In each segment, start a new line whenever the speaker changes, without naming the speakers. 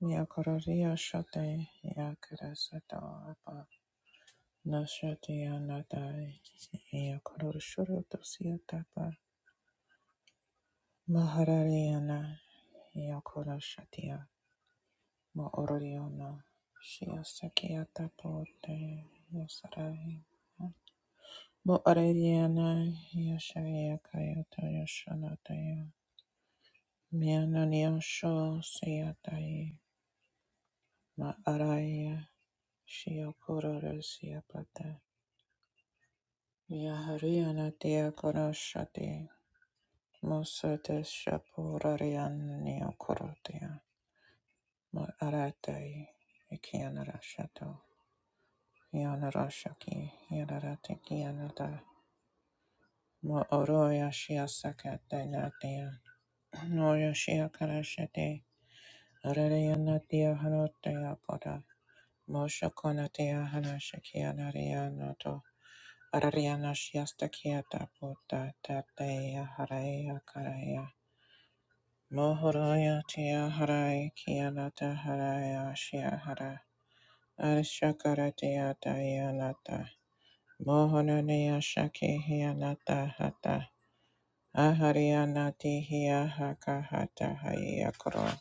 Yakoraria shate yakarasata apa nashatia natai yakoroshoto dosiatapa maharariana yakorashatia moororiona shiasakiata pote yasarai moorariana yasharia kayata yashanataya miananiasho siatai maaraya shiakororosiapata Yahariana dia koroshati musate shapurarian neokorotia aratai ikianarashato yanarashaki yanaratiki yanata mo oroya shia sakata natia noya shia karashati arariana dia hanotea kora mosha konatia hanashaki yanarianato arariana shia stakiata puta tateya haraya karaya Mohodaya Tia Harai Kianata Haraya Shia Hara Arishakara Tia Dayanata Mohananaya Shaki Hianata Hata Aharianati Hia Haka Hata Hayakro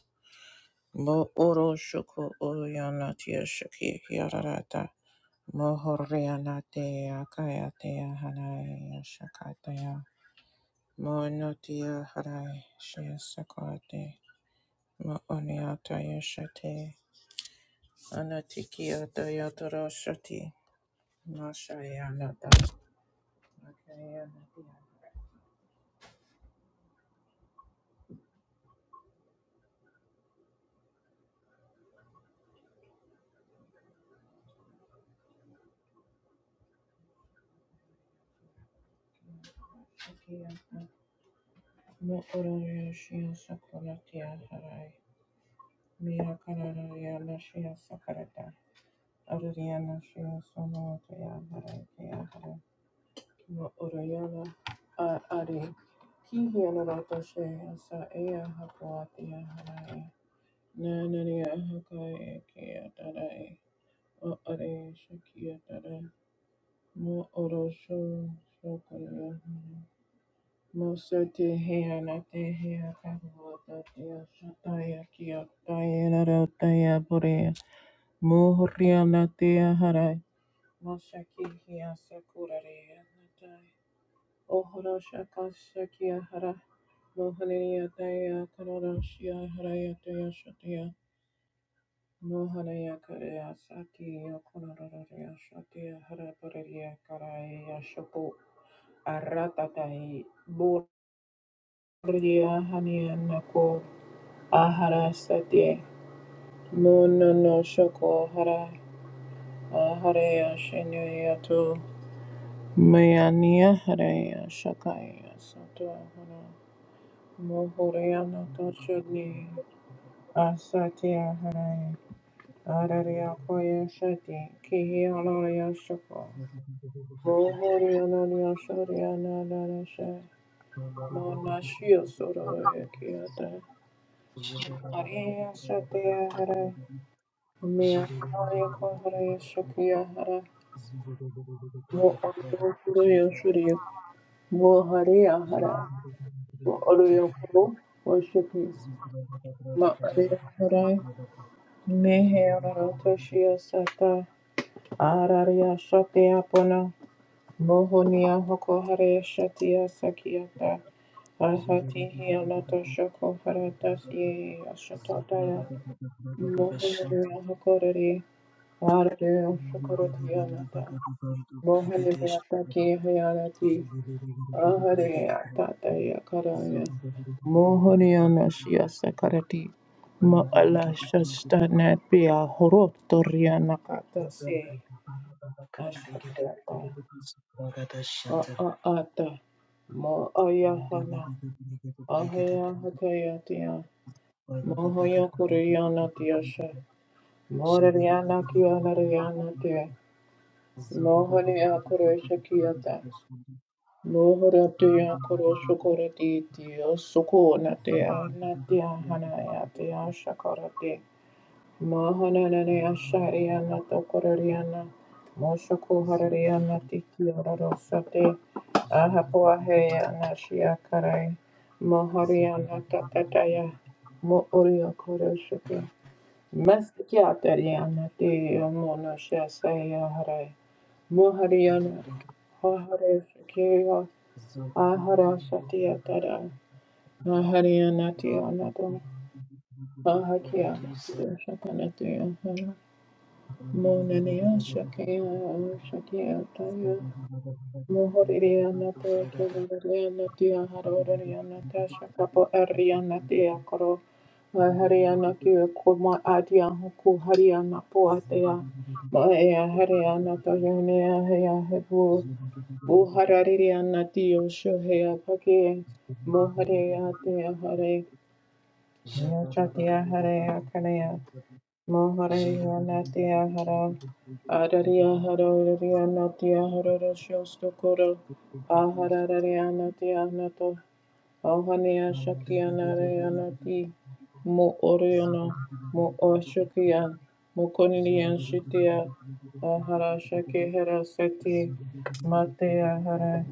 Mo Oro Shuku Uryanati Shaki Hiarata Mohorianati Akayatia Hanaya Shakataya Monotia Harai Shia Sakati Mooniata Yashati Anatikia Dayatara Shati Mashayana Das Makayana Diana Mokoroya Shia Sakuratia Harai Mia Karayana Shia Sakarata Ariana Shia Sonotia Harai Kia Harai Mo Urayana Ari Kihiana Rata Shia Sa Ea Hakuatia Harai Nanania Hakai Kia Tarai O Are Shakia Mo oro sho shokoro. Mo sote hea na te hea kaho ta te asataya ki a tae rara borea. Mo horia na te harai. Mo shaki hea sakura rea na tae. O horo shaka shaki a hara. Mo haneria tae a karara shi a harai a Mo haneria kare a saki a kororo rea hara borea karae a Aratatai Bordia Hanianako Ahara Satye Mono no Shoko Hara Aharea Shinyato Mayania Harea Shakaya Sato Hara Mohoreana Toshani Asatya Hare Araria Koya Shati Kihialaya Shoko Mohoreana Yashariana Darasha Monashio Soro Yakiata
Thank
Ariya Satya Hara Mia Arya Kohara Shakya Hara Mo Arya Kuru Yoshuri Mo Hariya Hara Mo Arya Kuru Yoshuri Ma Arya Hara Mehe Arata Shia Sata Ararya Satya Pona Mohoniya Hoko Hare Satya Sakyata Arhati Hiyanata Shako Haratas Ye Ashataya Mohoniya Hoko Hare Shukurutyanata Mohani Ataki Hayarati Ahare Atataya Karaya Mohoriana Shia Sakarati Ma Allah Shastanat Pia Horot Toriana Kata Se Ashakrata A A Ahaya
you.
Hakayatia
Zugu
Mohoya Kuriana Tiasha Morariana Kiana Riana Tia Mohani Akuresha Kiata Mohoratea koroshokorati tia sukunatea natia hanaya tia shakarate. Mahanananea shariana tokorariana. Moshokoharariana tikiororosate. Ahapoahea nashiakarai. Mohariana tatataya. Mooria koroshoka. Mastikiatariana tia monoshasaya harai. Mohariana. Haharesh Ahara Shatiya Tara Ahariya Natiya Nato Ahakiya Natiya Shakanatiya Monaniya Shakiya Shakiya Taya Mohoriya Natiya Kilariya Natiya Haroriya Natiya Shakapo Ariya
Zulu
Natiya Koro Ahariya Nakiya Kuma Adiya Huku Hariya Napo Atiya Maaya Hariya Natoya Neya Heya Moharariri anatiyo shohea pake. Mohareya tea hare. Neochatea hare akanea. Moharariri anatea hara. Araria haro ria natia haro rosho stokoro. Aharararia natia Auhania Shakiana Reanati Mo Oriono Mo Oshokia Mo Konian Shitia Ahara Shake Hera Seti Matea Hara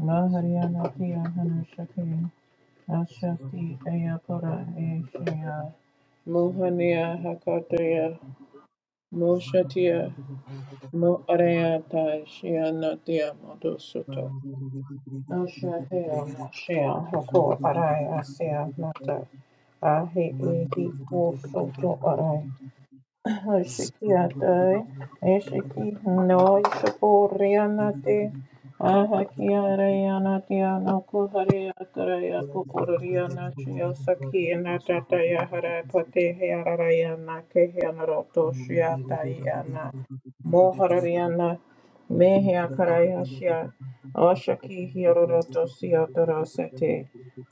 Maharianati Ahana Shaki Ashati Ayapora Eshaya
Zugu
Mohania Hakataya Mo Shatia Mo Areata Shianatia Modosoto no shall hell, not shall. Hoko arai asea nata. Ahe e hi ko soto arai. Shikiatai, Eshiki, Noi Shapurianati, Ahakiarayanatiana Kuhariakaraya Puriana Shiosaki Natataya Harapati Harayana Kehianaroto Shiatayana Moharayana
Zebra
Mehiakarayashia Oshaki Hiroroto Siatorosete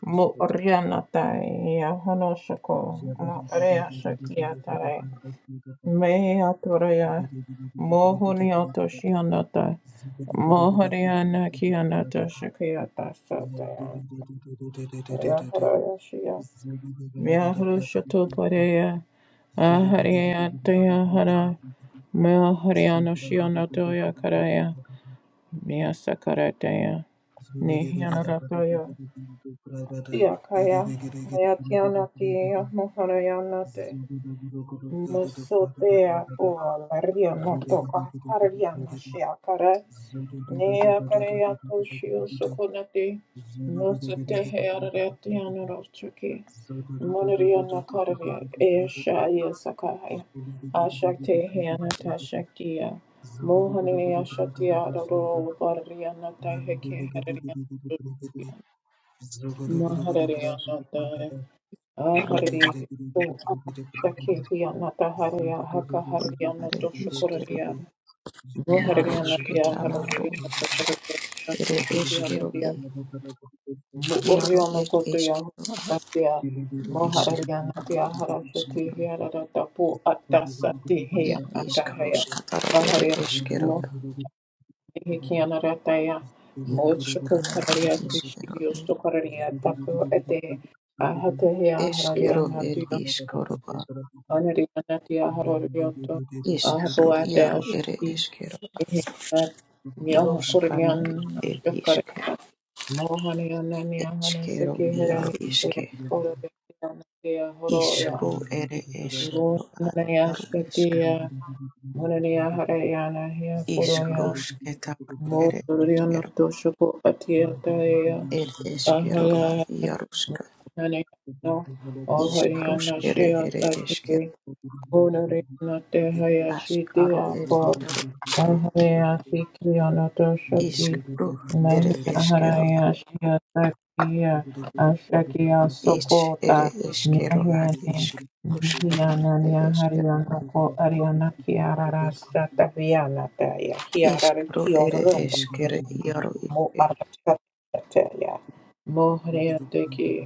Murianatai Yahonoshako Morea Shakiatare me atoraya mohoni atoshianata mohariana kianata shakiyata sataya yaharaya shia miahrushato pareya ahariyataya hara mehariano shianatoya karaya miasakarataya
Zugu
nihianarataya siakaya ayatianatiya moharayanate Masotea o laria no toka no shiakare nea karea to shio sokonati musate hearati anorochuki monaria no karea e shaya ashakte heanata shaktia mohaniya shatia roro varia nata heke haria
Thank
Ahariya, to Saki natahariya, Haria Haka Haria no
Are ishkero
Doshokoria
e yaro
Mohariana Dia
shketana ro
Haroya Sakoria
ere
Shakuria
eshkero
Dia
e yaro e
Muuriono Kotoya
eshkero a
Tatia
ishkero
Mohariana
a
Dia Harashati
ishkero
Hiara Tapu Atasati
e
Hiana
ishkero
Tahaya
shkatara ere
Aharia
eshkero a
Mohikiana Rataya
yaro
Moshoko
shkana e
Hararia
ishkero
Tishio
e
Sokoria Tapu Ete Ahatehia
eshkero e
Hararia
ishkero a
Anarianati aharorioto
ishkero
ahapuate
yaro ere
you.
ashati
eshkero a
ehenat
Zogo
nyahu
roshkana
kurian
e ishkero
shukarian mohanyanani ahana
eshkero
shiki hera
yaro ishke
ororianati ahoroya
ishro ere eshkero a
mohanani
yaro
ashatiya mohanani aharayana hiya kuroya
Ishkarushketa ere eskero
mohanyanatu shuku atiyataya
er eskero a
aharaya
iarushka
Nani no, oh Hariana
Ishkarushkere
Shia
ere eskero
Onorinote Hayashiti
askaro er
Apo
iarushke
Ahayashi Kiyonoto Shoti
Ishkaru ere eskero a
Meharayashi Atakiya Ashakiya
ish ere
Sokota
eskero a
Mehene
ishkarushkara ere
Hiyananya
eskero
Thank
Hariyanoko Ariana Kiarara Sataviyana Taya Hiarara
Ishkaru ere
Kioroto
eskere iaru
Mo
iske
Arakataya Mohriyateki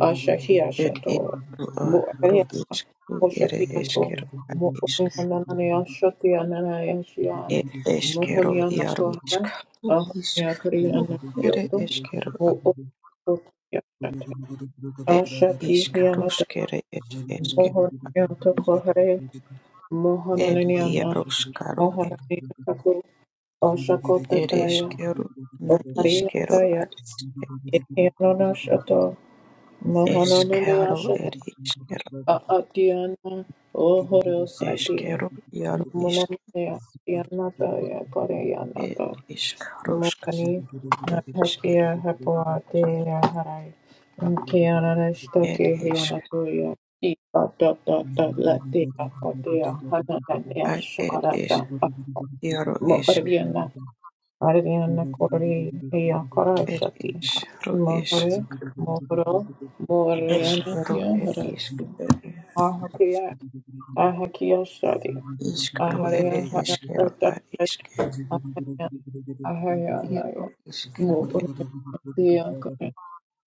Asha
er
Hiashato
ishkaru a ru
Moria
ishkaru ere
Oshakiato
eskero a ishk
Moria Shatia Nanayashia
er eskero
Mohonia
iaru
Nakoha
ishkaru
Ahonia
ishkaru
Korean
ere
Kyoto
eskero
Mookotiyashate
Ed
Ashati Hianata
ishkarushkere ed eshkero
Mohonia Tokohare
ed
Mohananiana
yarushkaro
Mohanania Taku
ed
Oshakotataya
eshkero na
you.
Okaria
ishkero
Taya
ad
Ikianona Shato
eshkero ed ishkero
Adiana Ohoro Sati
eshkero yaru ishk
Munamaya Yanataya
ed
Koreyanata
ishkarushkare
Mukani
eshkero
Nahakia Hapuatea Harai Kiana
ed
Shtake
Zugu
ishk
Hianatuya Data Latia Otea Hananaya
ad ed is
Shukarata
yaru ishk
Moriana Ariana Kori Hia
ed
Karashati
iskaru is
Mohore Moro
eshkero
Morianatia
ed ishk ed
Harati Ahakia
Zugu
Shadi,
ishkaro ed
Aharia Haya
eshkero
Tata
ad ishk
Ahaya Ahaya
yaru
Haya
ishkero
Mohoria Diakaya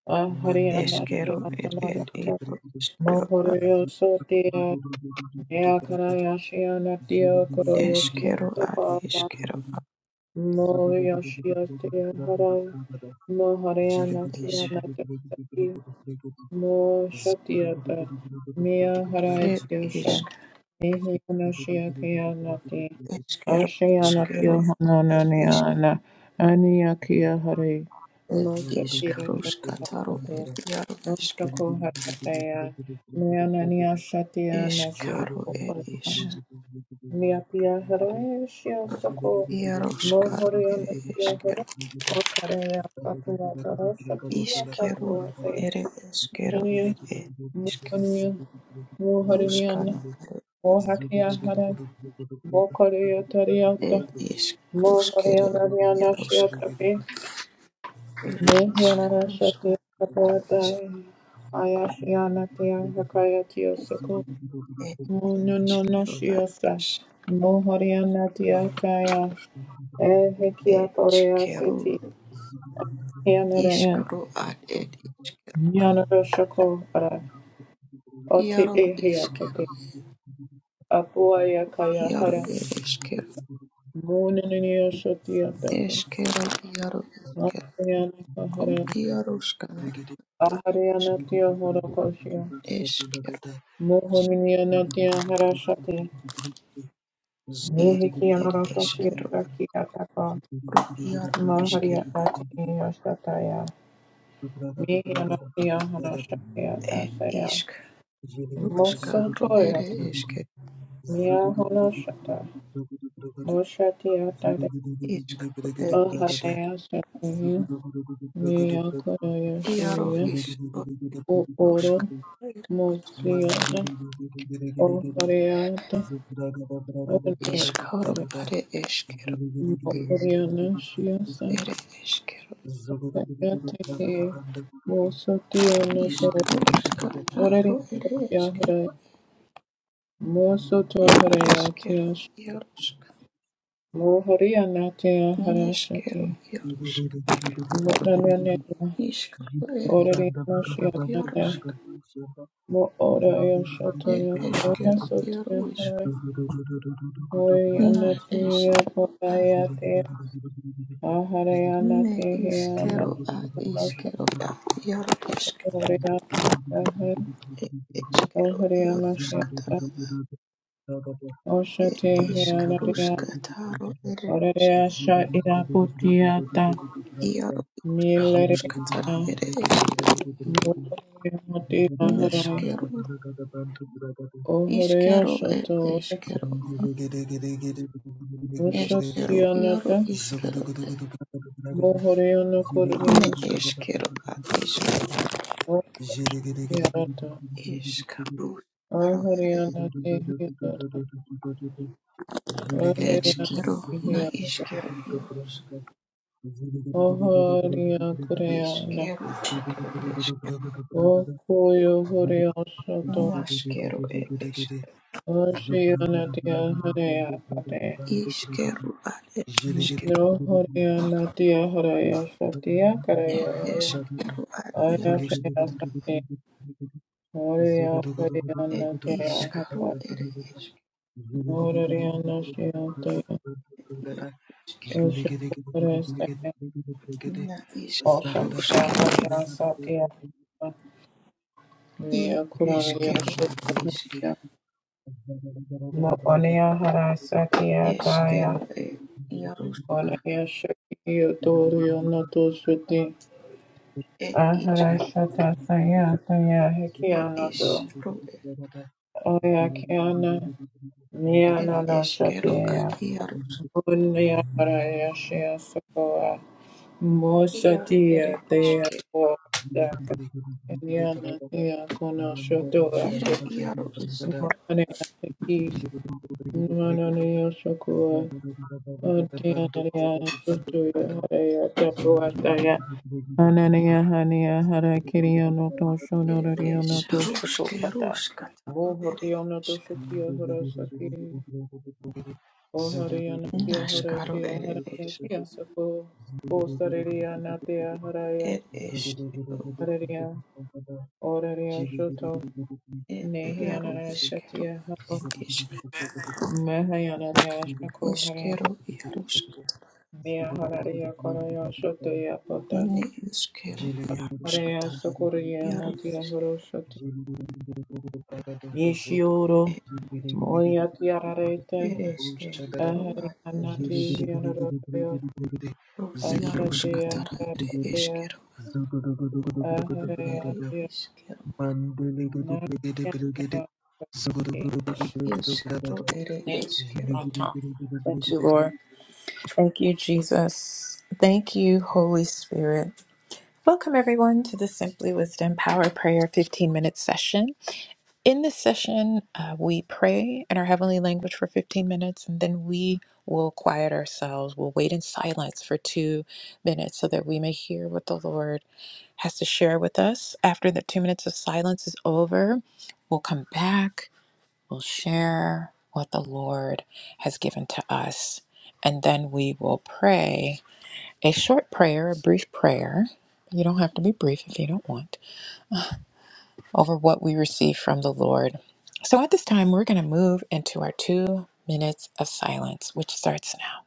Aharia
Eskero
Natia
ed
Nana
ed ero eskero ad
Mohoria Sotia Diakaraya Shiana Diakoroyo
eskero ad
Diasapa
eskero
Mohoria Shia Tia Hara Mohoria
ad es
Nakia Natati Mo Shatiata Mia
ed
Harajia Shah
isk
Mihia Nashia Kia
eskero
Ashayana Tia
eskero ed isk
Hanananiana Aniakia Hari
ed isk
Mosatia
rus
Zugudu
kataro
Harata
ed yaro isk
Moshako Harataya Mianania Shatia Nashi
eskaro ed is
Miapia Hare Shia Soko
yaro skaro
Mohoriana
ed
Tia Hara
eskero
Okarea Papia Tara Shatia
iskero
Tapuate
ed eskero
Ania
ed ed isk
Mohania
rus kana
Moharinian
ed
Mohakia
isk
Hare Mokaria
ed isk rus kere
Moriana
yaro sk
Shiotapi,
ed isk
Nihiana
rus
Shati
Zugu
kana
Kapuatai, Ayashiana Tia Hakayatio Suku,
Ed
Mununo
ishkero ad
Shiosa,
ish
Mohoriana Tia Kaya, Ehekia Porea
eshkero
Seti, Hianara
ishkaro ad ed ishkero ad
Yanara Shako Ara, Oti
iaro
Ehia
ishkero
Poti, Apuaya Kaya
iaro
Hara,
ed ishkero
Mununio Shotia Daka,
eshkero iaro ishkero
Ahariana
u
Kahara,
iaro shkana iaro
Ahariana
ishkero
Tia Horokoshia.
eshkero
Mohaniyanatia harashati.
ed ed
Mihikiyanaratoshi
eshkero
Zugudu
yatakiyataka.
ru iaro
Zugudu
ishkero
Mahariyatati yasataya. Mihiyanatiya harashati
ed
yatasaya.
ishk rushkaro ed
Mosotoyati.
ishkero
Miyahanashata. Moshati yatare.
ishkaro ed ishk
Aharayasati.
iaro
Miyakurayashiya.
ishkaro
Uoro.
rushkaro ed
Mosiyana. Ohariyata.
ishkaro
Oriyatare.
ad eshkero
Mohariyana shiyasa.
Ere eskero
Mosotio
Zugu
noto
iskro iskataro ere
orarianatia hare,
eskero
mosoto
ere eskero
hareatia,
iaroska
mohorianatia
neskero
harashati,
iaroska
monanatia
iskro ere
orarianatia hare,
iaroska
mo oraio soto
ere
yakorea
eskero iaro
sotia
isk
hare,
na
morianatia
eskero a
porayatia,
ne
ahareanatia hiana,
iskero a
soto
iskero a iaro isk
horianatia hare,
ere eskero
oharianatia
iaroska tara
hare,
ere
oshate hianaria
iskaruska taro ere isk
Zulu
Orreasha iraputiata
iaro iskaruska tara
milereata
ere isk
mureati laharai
neskero Ishkero et
ohoreashato
Eshkero. Eshkero
rushasionata
Yoro Ishkero et
mohoreana
Ne
koreashato
Eshkero at Eshkero.
ohiarata
Ishkaro Aro et
ohoriana tehiarata ohoriana
Eshkero Na
tehiarata
Ishkero Yoros.
Zubra
ohoria koreana
Ishkero at et Eshkero.
okuyo horeashato
Nashkero et Eshkero.
oshiana tehareapate
Ishkero at et Eshkero.
No Horia Natia Horaya Shatia
Et
Karaya
Eshkero at Yoros.
Ayashaya Sati Horia Horia
Et
Natia Hapa
Ishkaro et
Zugudugudugudugudugudugudugudugudugudu.
Eshkero.
Noria Nashiataya
Zugudugudugudugudugudugudugudugudugudu.
Ishkero
Oshakurestaya
Zuligidigudigidigudigidigudigidi.
Na Ishkaro
Oshakia
Shkero.
Karaya
Zagadabradabradabradabradabradabra.
Satia
I
Nia Kuraria
Eshkero at eshkero.
Shukuria
Zugudugudugudugudugudugudugudu.
Moponia Hara
Zagadabradabradabradabradabradabra.
Satia
Eskero
Taya
et Yarusk
Zugudugudugudugudugudugudugudugudu.
Onia Shakio Torio Noto Suti
Zugudugudugudugudugudugudugudu.
et is
Ahara Shata Saya Saya
et
Hikia Noto
Isro
Ayakiana
et
Zugudugudugudugudugudugudu.
Mianana
Eskero
Zagada
at
Shatia
iarus
Munyaraya Shia Sokoa
Iaro ere
Mosatia Dea
Iske
Daka Eliana Tia Kona Shotoa
Nere Iaro Iskero
Mane Atiki Manania Sokoa Otiana Ria Shotoya Harea Tapuataya Anania Hania Hara Kiriano Toshono
ere
Riono
Es Ruske
Toshokopata
Ruskataro ere
Muhuriono
Isk
Toshokio Horosaki O Hariana Kia Hora
Naskaro
Kia
ere
Haraya
Isk
Kia Sako Bo Sariria Natia Haraya
et Eskero
Hararia Oraria
Zulu
Shoto
et Iaro
Nehiana
Iskero
Shatia Hako
et is
Mahayana Ria Shako Hare
Eskero Yarusk
Mia Hararia Koraya Shoto Yapota
Ne Iskero iaruska
Harea Sokoria
taro
Natia
Isk
Horo Shoti Yishioro
et
Moya Tiararete
Ere Eskero
Ahariana
at is
Nati Hianoroya
Ro
Ashatia
iaroskatara ere
Harapatia
eskero
Aharea
ere eskero
Mandele
Thank
eskero ere eskero.
you, Lord. Thank you, Jesus. Thank you, Holy Spirit. Welcome, everyone, to the Simply Wisdom Power Prayer 15 minute session. In this session, uh, we pray in our heavenly language for 15 minutes and then we will quiet ourselves. We'll wait in silence for two minutes so that we may hear what the Lord has to share with us. After the two minutes of silence is over, we'll come back We'll share what the Lord has given to us, and then we will pray a short prayer, a brief prayer. You don't have to be brief if you don't want, over what we receive from the Lord. So at this time, we're going to move into our two minutes of silence, which starts now.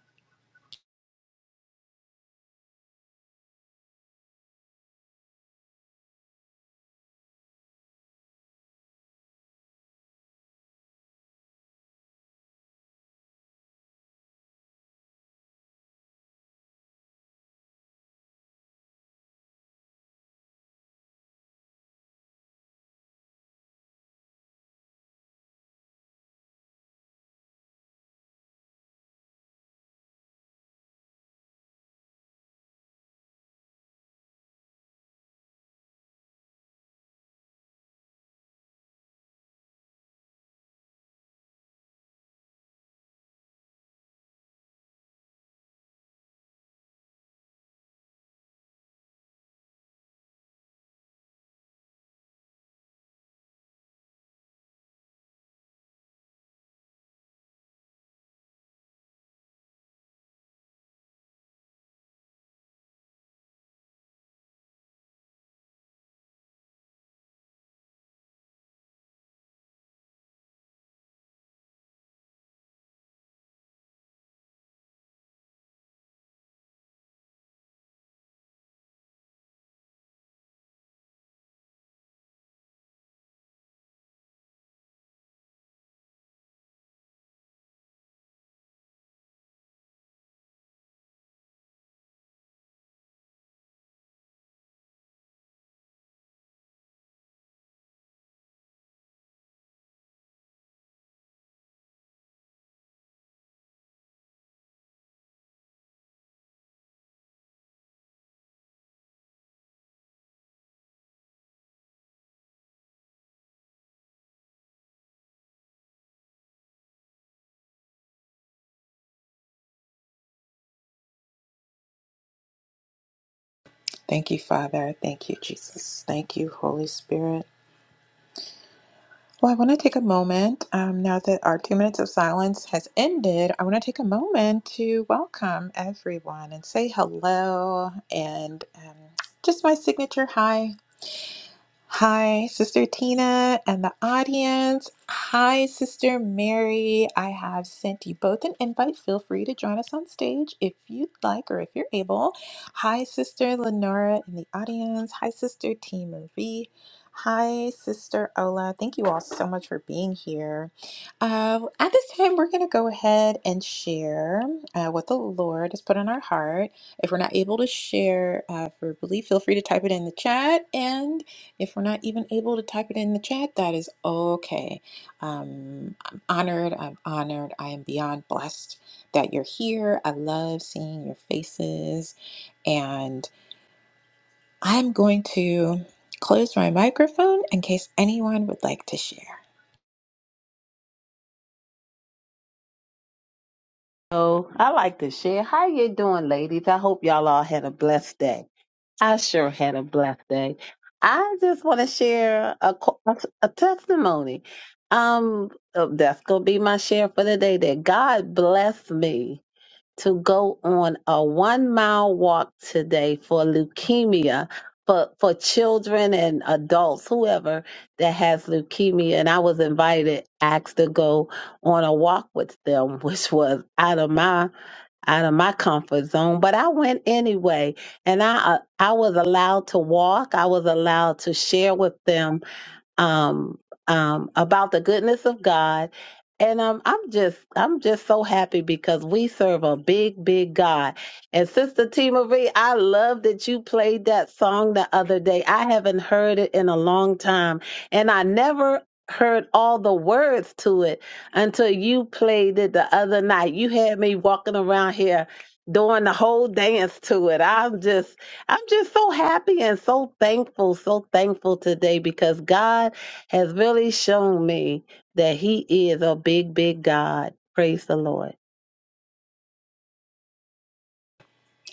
Thank you, Father. Thank you, Jesus. Thank you, Holy Spirit. Well, I want to take a moment um, now that our two minutes of silence has ended. I want to take a moment to welcome everyone and say hello and um, just my signature hi. Hi, Sister Tina and the audience. Hi, Sister Mary. I have sent you both an invite. Feel free to join us on stage if you'd like or if you're able. Hi, Sister Lenora in the audience. Hi, Sister T. Marie. Hi, Sister Ola. Thank you all so much for being here. Uh, at this time, we're going to go ahead and share uh, what the Lord has put on our heart. If we're not able to share uh, verbally, feel free to type it in the chat. And if we're not even able to type it in the chat, that is okay. Um, I'm honored. I'm honored. I am beyond blessed that you're here. I love seeing your faces. And I'm going to close my microphone in case anyone would like to share.
Oh, I like to share. How you doing, ladies? I hope y'all all had a blessed day. I sure had a blessed day. I just want to share a, co- a testimony. Um, uh, that's gonna be my share for the day. That God blessed me to go on a one mile walk today for leukemia. For, for children and adults, whoever that has leukemia, and I was invited, asked to go on a walk with them, which was out of my out of my comfort zone, but I went anyway, and I uh, I was allowed to walk. I was allowed to share with them um, um, about the goodness of God. And um, I'm just I'm just so happy because we serve a big, big God. And Sister T Marie, I love that you played that song the other day. I haven't heard it in a long time. And I never heard all the words to it until you played it the other night. You had me walking around here doing the whole dance to it. I'm just I'm just so happy and so thankful, so thankful today because God has really shown me that He is a big, big God. Praise the Lord.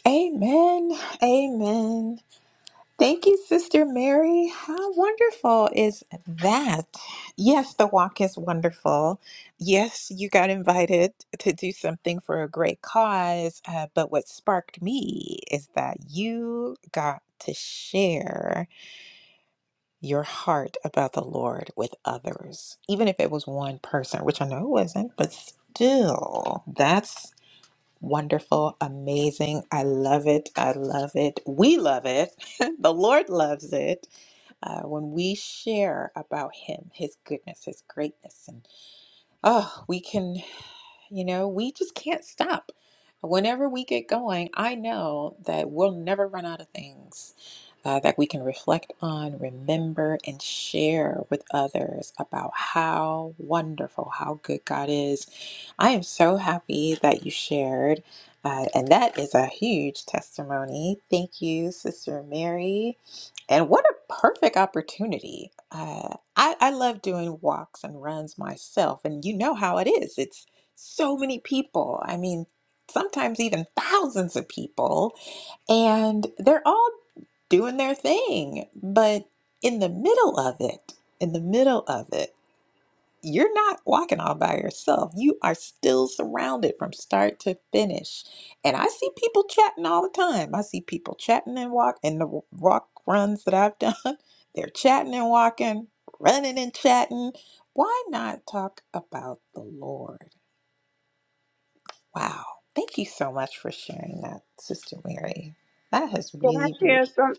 Amen. Amen. Thank you, Sister Mary. How wonderful is that? Yes, the walk is wonderful. Yes, you got invited to do something for a great cause. Uh, but what sparked me is that you got to share your heart about the Lord with others, even if it was one person, which I know it wasn't, but still, that's wonderful, amazing. I love it. I love it. We love it. the Lord loves it uh, when we share about him, his goodness, his greatness, and oh, we can, you know, we just can't stop. Whenever we get going, I know that we'll never run out of things uh, that we can reflect on, remember, and share with others about how wonderful, how good God is. I am so happy that you shared. Uh, and that is a huge testimony. Thank you, Sister Mary and what a perfect opportunity. Uh, I, I love doing walks and runs myself, and you know how it is. It's so many people. I mean, sometimes even thousands of people, and they're all doing their thing. But in the middle of it, in the middle of it you're not walking all by yourself. You are still surrounded from start to finish. And I see people chatting all the time. I see people chatting and walk and the walk runs that I've done. They're chatting and walking, running and chatting. Why not talk about the Lord? Wow. Thank you so much for sharing that, Sister Mary. That has
Can I
really, really.
share some?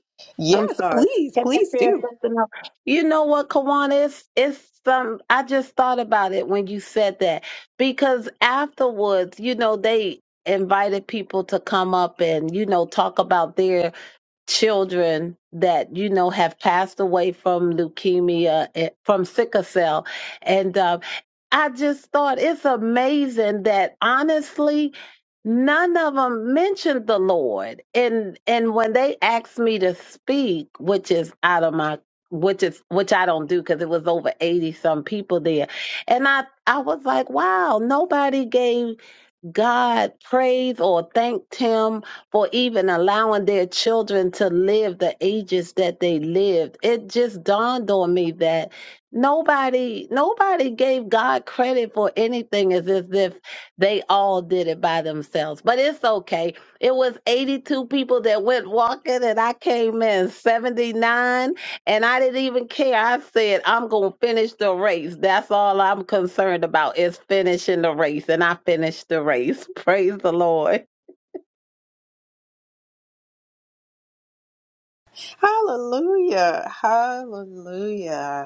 I'm
Yes,
sorry.
please,
Can
please
I share
do.
something else? You know what, Kawana? It's, it's some. I just thought about it when you said that because afterwards, you know, they invited people to come up and you know talk about their children that you know have passed away from leukemia eh, from sickle cell and um, i just thought it's amazing that honestly none of them mentioned the lord and and when they asked me to speak which is out of my which is which i don't do because it was over 80 some people there and i i was like wow nobody gave God praised or thanked him for even allowing their children to live the ages that they lived. It just dawned on me that nobody nobody gave God credit for anything as if if they all did it by themselves. But it's okay. It was 82 people that went walking and I came in 79 and I didn't even care. I said, I'm going to finish the race. That's all I'm concerned about is finishing the race. And I finished the race. Praise the Lord.
Hallelujah. Hallelujah.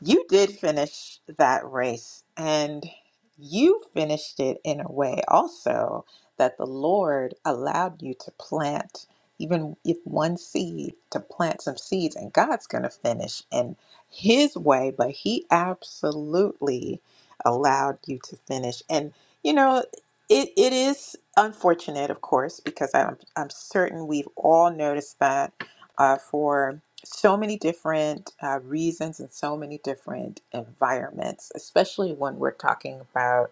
You did finish that race, and you finished it in a way also that the Lord allowed you to plant, even if one seed, to plant some seeds, and God's going to finish in His way, but He absolutely allowed you to finish. And, you know, it, it is unfortunate, of course, because I'm, I'm certain we've all noticed that uh, for so many different uh, reasons and so many different environments, especially when we're talking about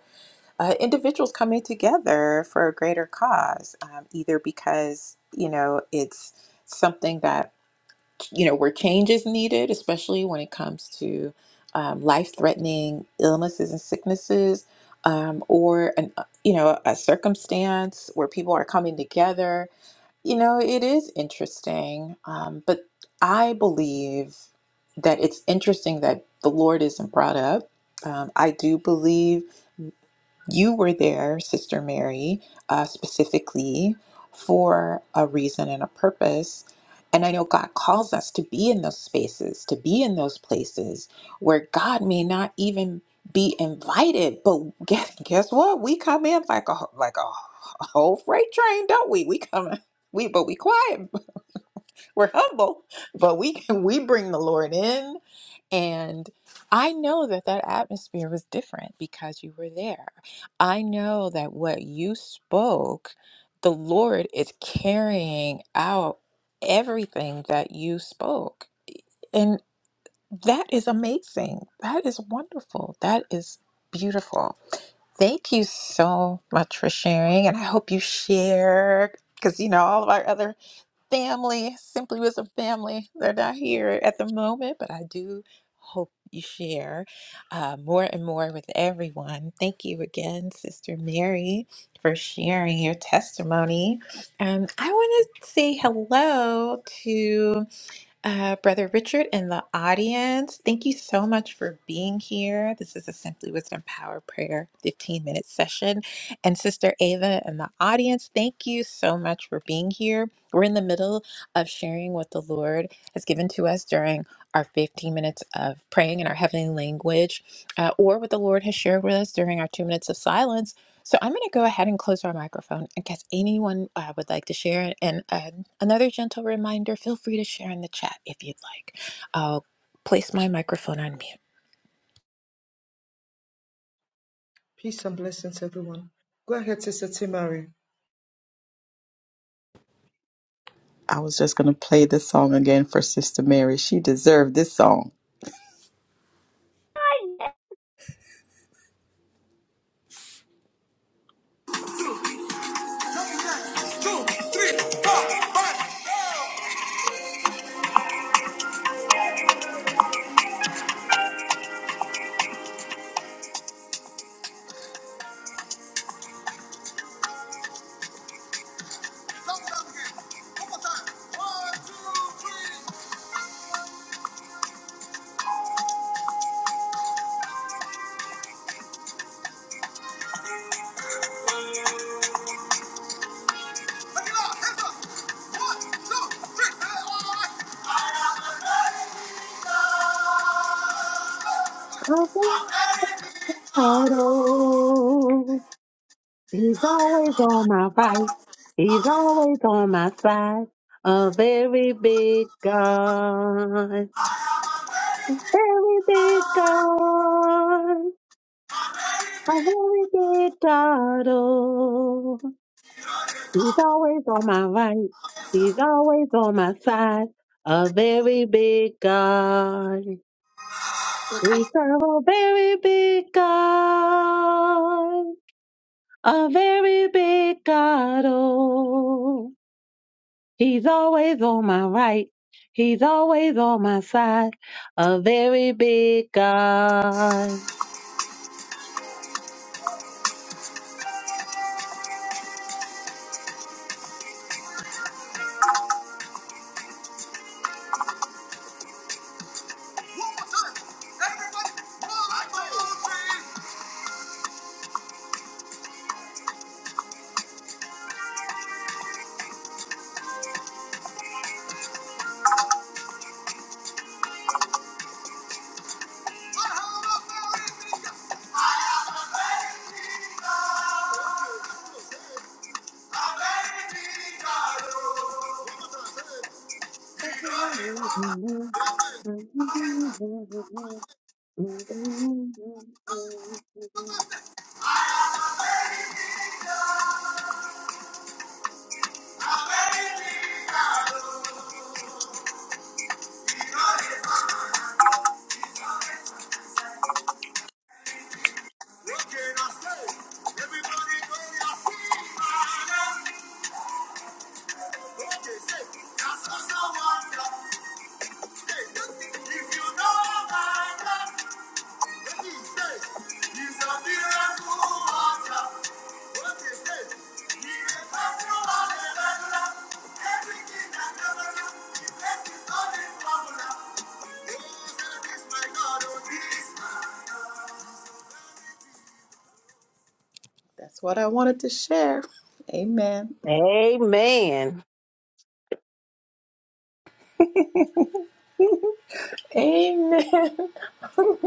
uh, individuals coming together for a greater cause, um, either because, you know, it's something that, you know, where change is needed, especially when it comes to um, life threatening illnesses and sicknesses. Um, or an, uh, you know a circumstance where people are coming together you know, it is interesting, um, but I believe that it's interesting that the Lord isn't brought up. Um, I do believe you were there, Sister Mary, uh, specifically for a reason and a purpose. And I know God calls us to be in those spaces, to be in those places where God may not even be invited. But guess, guess what? We come in like a like a, a whole freight train, don't we? We come we but we quiet we're humble, but we can we bring the Lord in and I know that that atmosphere was different because you were there. I know that what you spoke, the Lord is carrying out everything that you spoke. And that is amazing. That is wonderful. That is beautiful. Thank you so much for sharing. And I hope you share because, you know, all of our other family, Simply Wisdom family. They're not here at the moment, but I do hope you share uh, more and more with everyone. Thank you again, Sister Mary, for sharing your testimony. And I want to say hello to. Uh, Brother Richard in the audience, thank you so much for being here. This is a Simply Wisdom Power Prayer 15 minute session. And Sister Ava in the audience, thank you so much for being here. We're in the middle of sharing what the Lord has given to us during our 15 minutes of praying in our heavenly language, uh, or what the Lord has shared with us during our two minutes of silence. So I'm going to go ahead and close our microphone in case anyone uh, would like to share. And uh, Another gentle reminder feel free to share in the chat if you'd like. I'll place my microphone on mute.
Peace and blessings, everyone. Go ahead, Sister T Mary.
I was just gonna play this song again for Sister Mary. She deserved this song. Three, four, five. Sound it out again. One more time. One, two, three. Make it loud. Hands up. One, two, three. Say it all right. I am America. America.
Idol. He's always on my right. He's always on my side. A very big God.
I am America.
Very big God. A
America.
very big God. He's always on my right. He's always on my side. A very big God. We serve a very big God. A very big God. Oh, he's always on my right. He's always on my side. A very big God.
Everybody go, I see my That's what I wanted to share. Amen.
Amen.
Amen.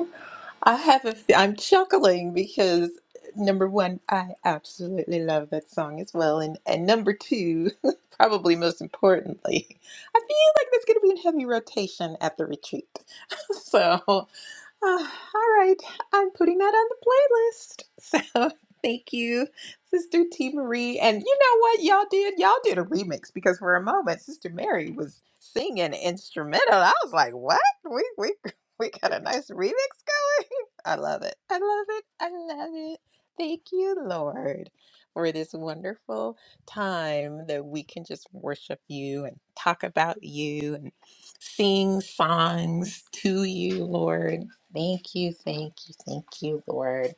I have a, I'm chuckling because number one, I absolutely love that song as well. And, and number two, probably most importantly, I feel like that's going to be in heavy rotation at the retreat. So. Ah, all right, I'm putting that on the playlist. So thank you, Sister T Marie. And you know what y'all did? Y'all did a remix because for a moment, Sister Mary was singing instrumental. I was like, what? We we we got a nice remix going. I love it. I love it. I love it. Thank you, Lord, for this wonderful time that we can just worship you and talk about you and sing songs to you, Lord. Thank you, thank you, thank you, Lord.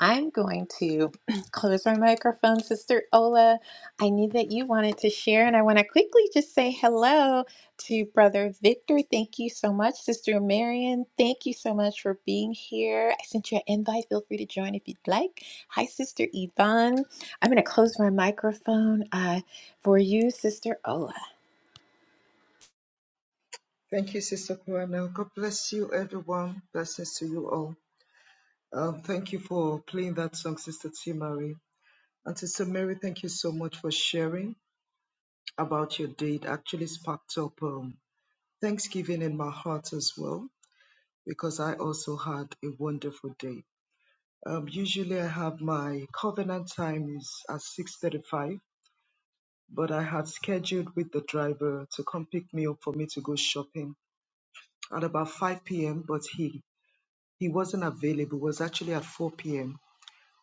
I'm going to close my microphone, Sister Ola. I knew that you wanted to share, and I want to quickly just say hello to Brother Victor. Thank you so much, Sister Marion. Thank you so much for being here. I sent you an invite. Feel free to join if you'd like. Hi, Sister Yvonne. I'm going to close my microphone uh, for you, Sister Ola.
Thank you, Sister Kwan. God bless you, everyone. Blesses to you all. Um, thank you for playing that song, Sister T Mary. And Sister Mary, thank you so much for sharing about your date. Actually, sparked up um Thanksgiving in my heart as well because I also had a wonderful day. Um, usually I have my covenant time is at 6:35, but I had scheduled with the driver to come pick me up for me to go shopping at about 5 p.m. But he he wasn't available. It was actually at 4 p.m.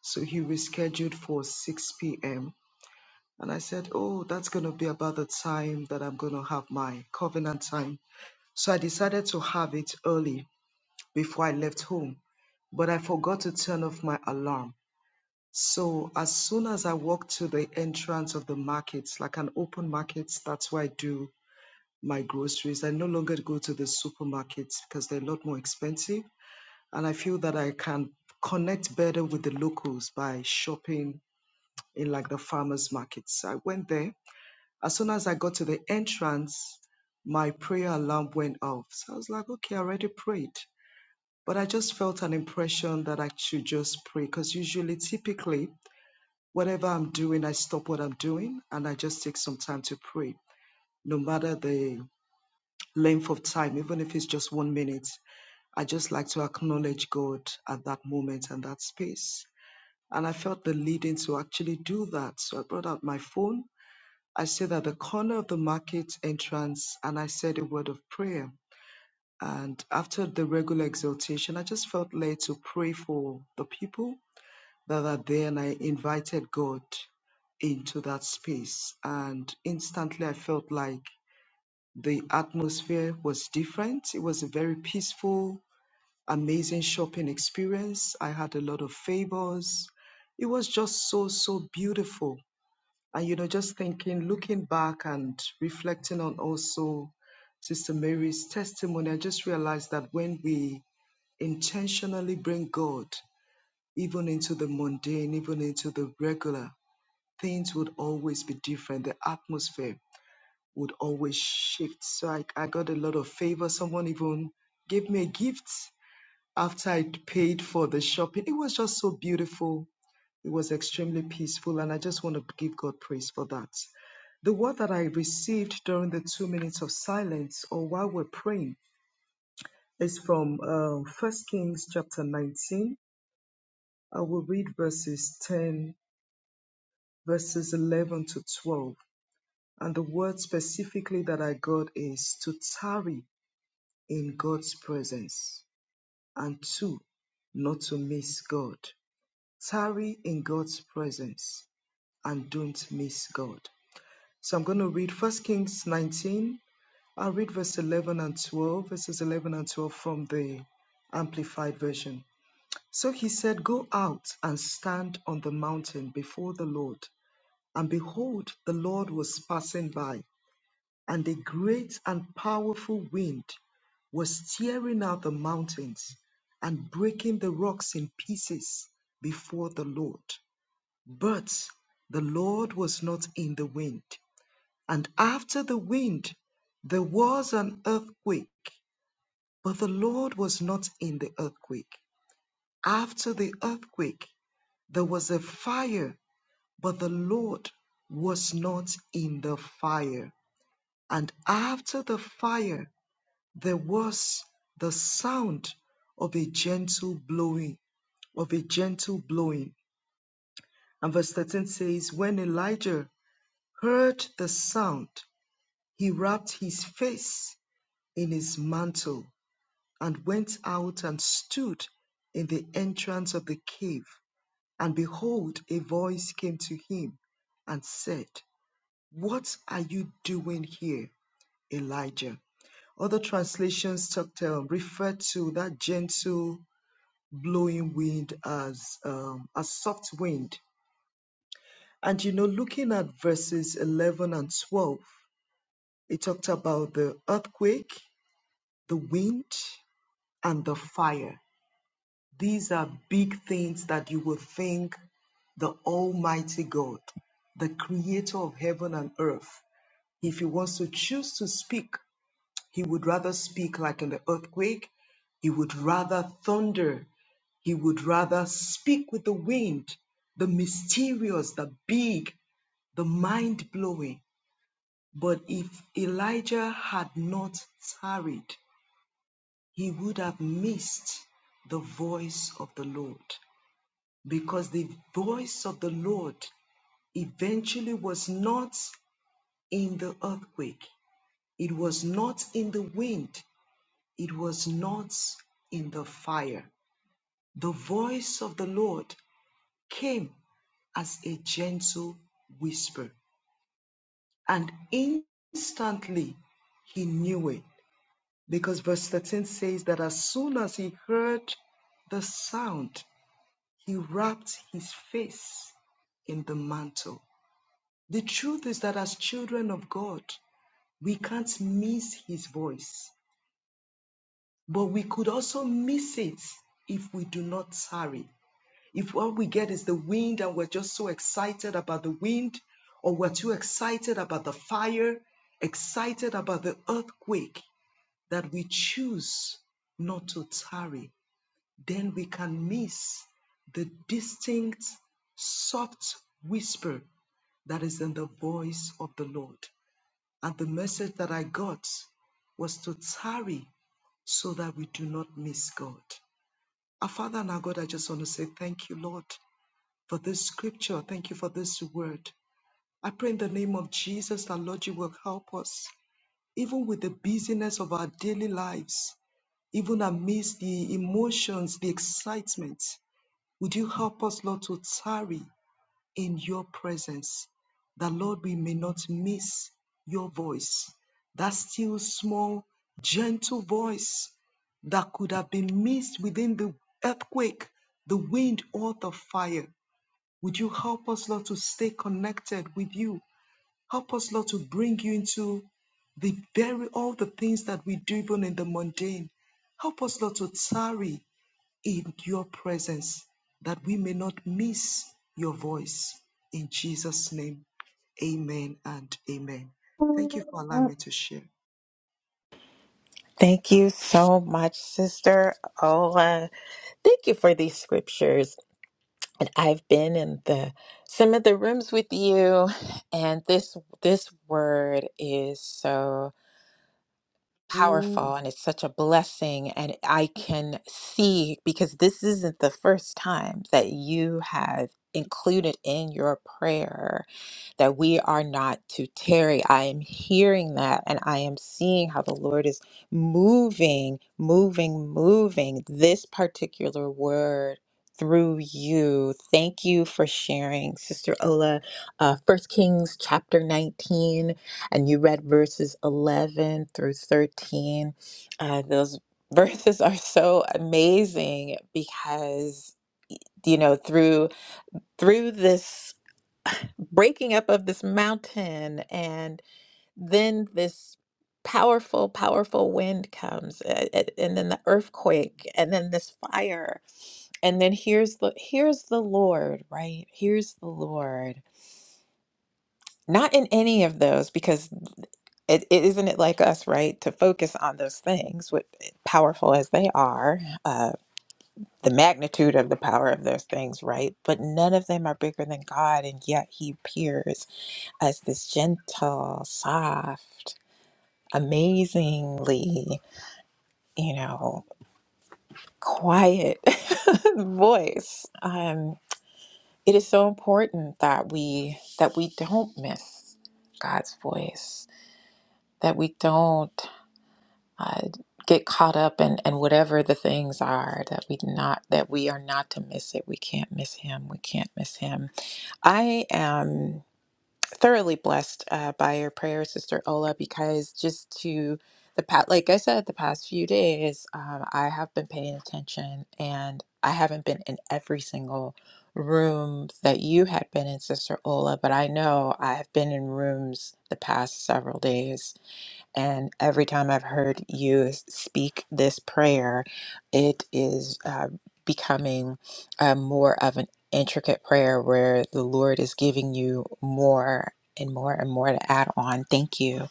So he rescheduled for 6 p.m. And I said, oh, that's gonna be about the time that I'm gonna have my covenant time. So I decided to have it early before I left home, but I forgot to turn off my alarm. So as soon as I walk to the entrance of the markets, like an open market, that's where I do my groceries. I no longer go to the supermarkets because they're a lot more expensive. And I feel that I can connect better with the locals by shopping in like the farmers markets. So I went there. As soon as I got to the entrance, my prayer alarm went off. So I was like, okay, I already prayed. But I just felt an impression that I should just pray because usually, typically, whatever I'm doing, I stop what I'm doing and I just take some time to pray, no matter the length of time, even if it's just one minute. I just like to acknowledge God at that moment and that space. And I felt the leading to actually do that. So I brought out my phone. I stood at the corner of the market entrance and I said a word of prayer. And after the regular exhortation, I just felt led to pray for the people that are there and I invited God into that space. And instantly I felt like the atmosphere was different. It was a very peaceful, amazing shopping experience. I had a lot of favors. It was just so, so beautiful. And, you know, just thinking, looking back and reflecting on also Sister Mary's testimony, I just realized that when we intentionally bring God even into the mundane, even into the regular, things would always be different. The atmosphere would always shift. So I, I got a lot of favor. Someone even gave me a gift after I paid for the shopping. It was just so beautiful. It was extremely peaceful. And I just want to give God praise for that. The word that I received during the two minutes of silence or while we're praying is from uh, 1 Kings chapter 19. I will read verses 10, verses 11 to 12. And the word specifically that I got is to tarry in God's presence. And two, not to miss God. Tarry in God's presence and don't miss God. So I'm going to read First Kings 19. I'll read verse 11 and 12, verses 11 and 12 from the Amplified Version. So he said, Go out and stand on the mountain before the Lord. And behold, the Lord was passing by and a great and powerful wind was tearing out the mountains and breaking the rocks in pieces before the Lord. But the Lord was not in the wind. And after the wind, there was an earthquake, but the Lord was not in the earthquake. After the earthquake, there was a fire, but the Lord was not in the fire. And after the fire, There was the sound of a gentle blowing, of a gentle blowing. And verse 13 says, When Elijah heard the sound, he wrapped his face in his mantle and went out and stood in the entrance of the cave. And behold, a voice came to him and said, What are you doing here, Elijah? Other translations talked, uh, refer to that gentle blowing wind as um, a soft wind. And you know, looking at verses 11 and 12, it talked about the earthquake, the wind, and the fire. These are big things that you would think the Almighty God, the creator of heaven and earth, if he wants to choose to speak He would rather speak like in the earthquake. He would rather thunder. He would rather speak with the wind, the mysterious, the big, the mind blowing. But if Elijah had not tarried, he would have missed the voice of the Lord. Because the voice of the Lord eventually was not in the earthquake, it was not in the wind, it was not in the fire. The voice of the Lord came as a gentle whisper, and instantly he knew it. Because verse 13 says that as soon as he heard the sound, he wrapped his face in the mantle. The truth is that as children of God, we can't miss his voice, but we could also miss it if we do not tarry. If all we get is the wind and we're just so excited about the wind, or we're too excited about the fire, excited about the earthquake, that we choose not to tarry, then we can miss the distinct, soft whisper that is in the voice of the Lord. And the message that I got was to tarry so that we do not miss God. Our Father and our God, I just want to say thank you, Lord for this scripture. Thank you for this word. I pray in the name of Jesus that Lord, you will help us, even with the busyness of our daily lives, even amidst the emotions, the excitement. Would you help us, Lord, to tarry in your presence, that Lord, we may not miss your voice, that still small, gentle voice that could have been missed within the earthquake, the wind, or the fire. Would you help us, Lord, to stay connected with you? Help us, Lord, to bring you into the very all the things that we do, even in the mundane. Help us, Lord, to tarry in your presence that we may not miss your voice. In Jesus' name, amen and amen. Thank you for allowing
I
me to share.
Thank you so much, Sister Ola. Thank you for these scriptures. and I've been in the some of the rooms with you and this this word is so powerful and it's such a blessing and I can see because this isn't the first time that you have included in your prayer that we are not to tarry. I am hearing that and I am seeing how the Lord is moving, moving, moving this particular word through you. Thank you for sharing, Sister Ola. Uh, 1 Kings chapter 19, and you read verses 11 through 13. Uh, those verses are so amazing because. You know, through through this breaking up of this mountain and then this powerful powerful wind comes a- a- and then the earthquake and then this fire and then here's the here's the lord right here's the lord not in any of those because it, it isn't it like us right to focus on those things what eh, powerful as they are uh, the magnitude of the power of those things, right? But none of them are bigger than God, and yet He appears as this gentle, soft, amazingly, you know, quiet voice. Um, it is so important that we that we don't miss God's voice, that we don't uh, get caught up in, in whatever the things are, that we not that we are not to miss it. We can't miss Him. We can't miss Him I am thoroughly blessed uh, by your prayer, Sister Ola, because just to the past, like I said, the past few days, um, I have been paying attention and I haven't been in every single room that you had been in, Sister Ola, but I know I have been in rooms the past several days and every time I've heard you s- speak this prayer, it is uh, becoming uh, more of an intricate prayer where the Lord is giving you more and more and more to add on. Thank you,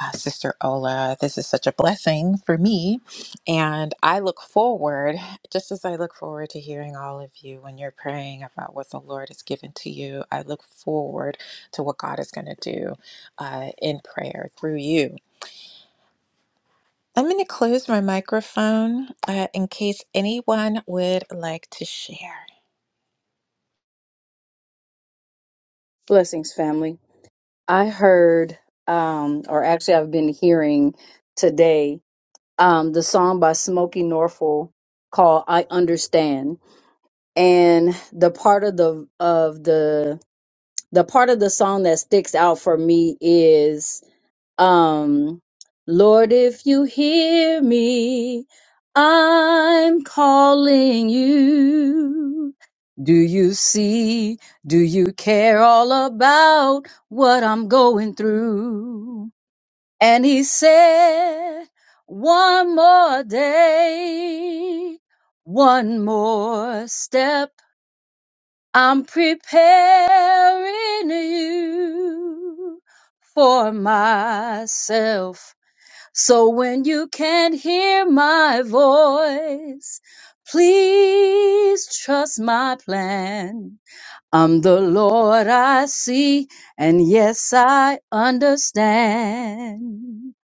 uh, Sister Ola. This is such a blessing for me. And I look forward, just as I look forward to hearing all of you when you're praying about what the Lord has given to you, I look forward to what God is going to do uh, in prayer through you I'm going to close my microphone uh, in case anyone would like to share.
Blessings, family. I heard, um, or actually, I've been hearing today um, the song by Smokey Norfolk called "I Understand," and the part of the of the the part of the song that sticks out for me is um, Lord, if you hear me, I'm calling you. Do you see? Do you care all about what I'm going through? And he said, one more day, one more step. I'm preparing you for myself. So when you can't hear my voice, please trust my plan. I'm the Lord I see, and yes, I understand.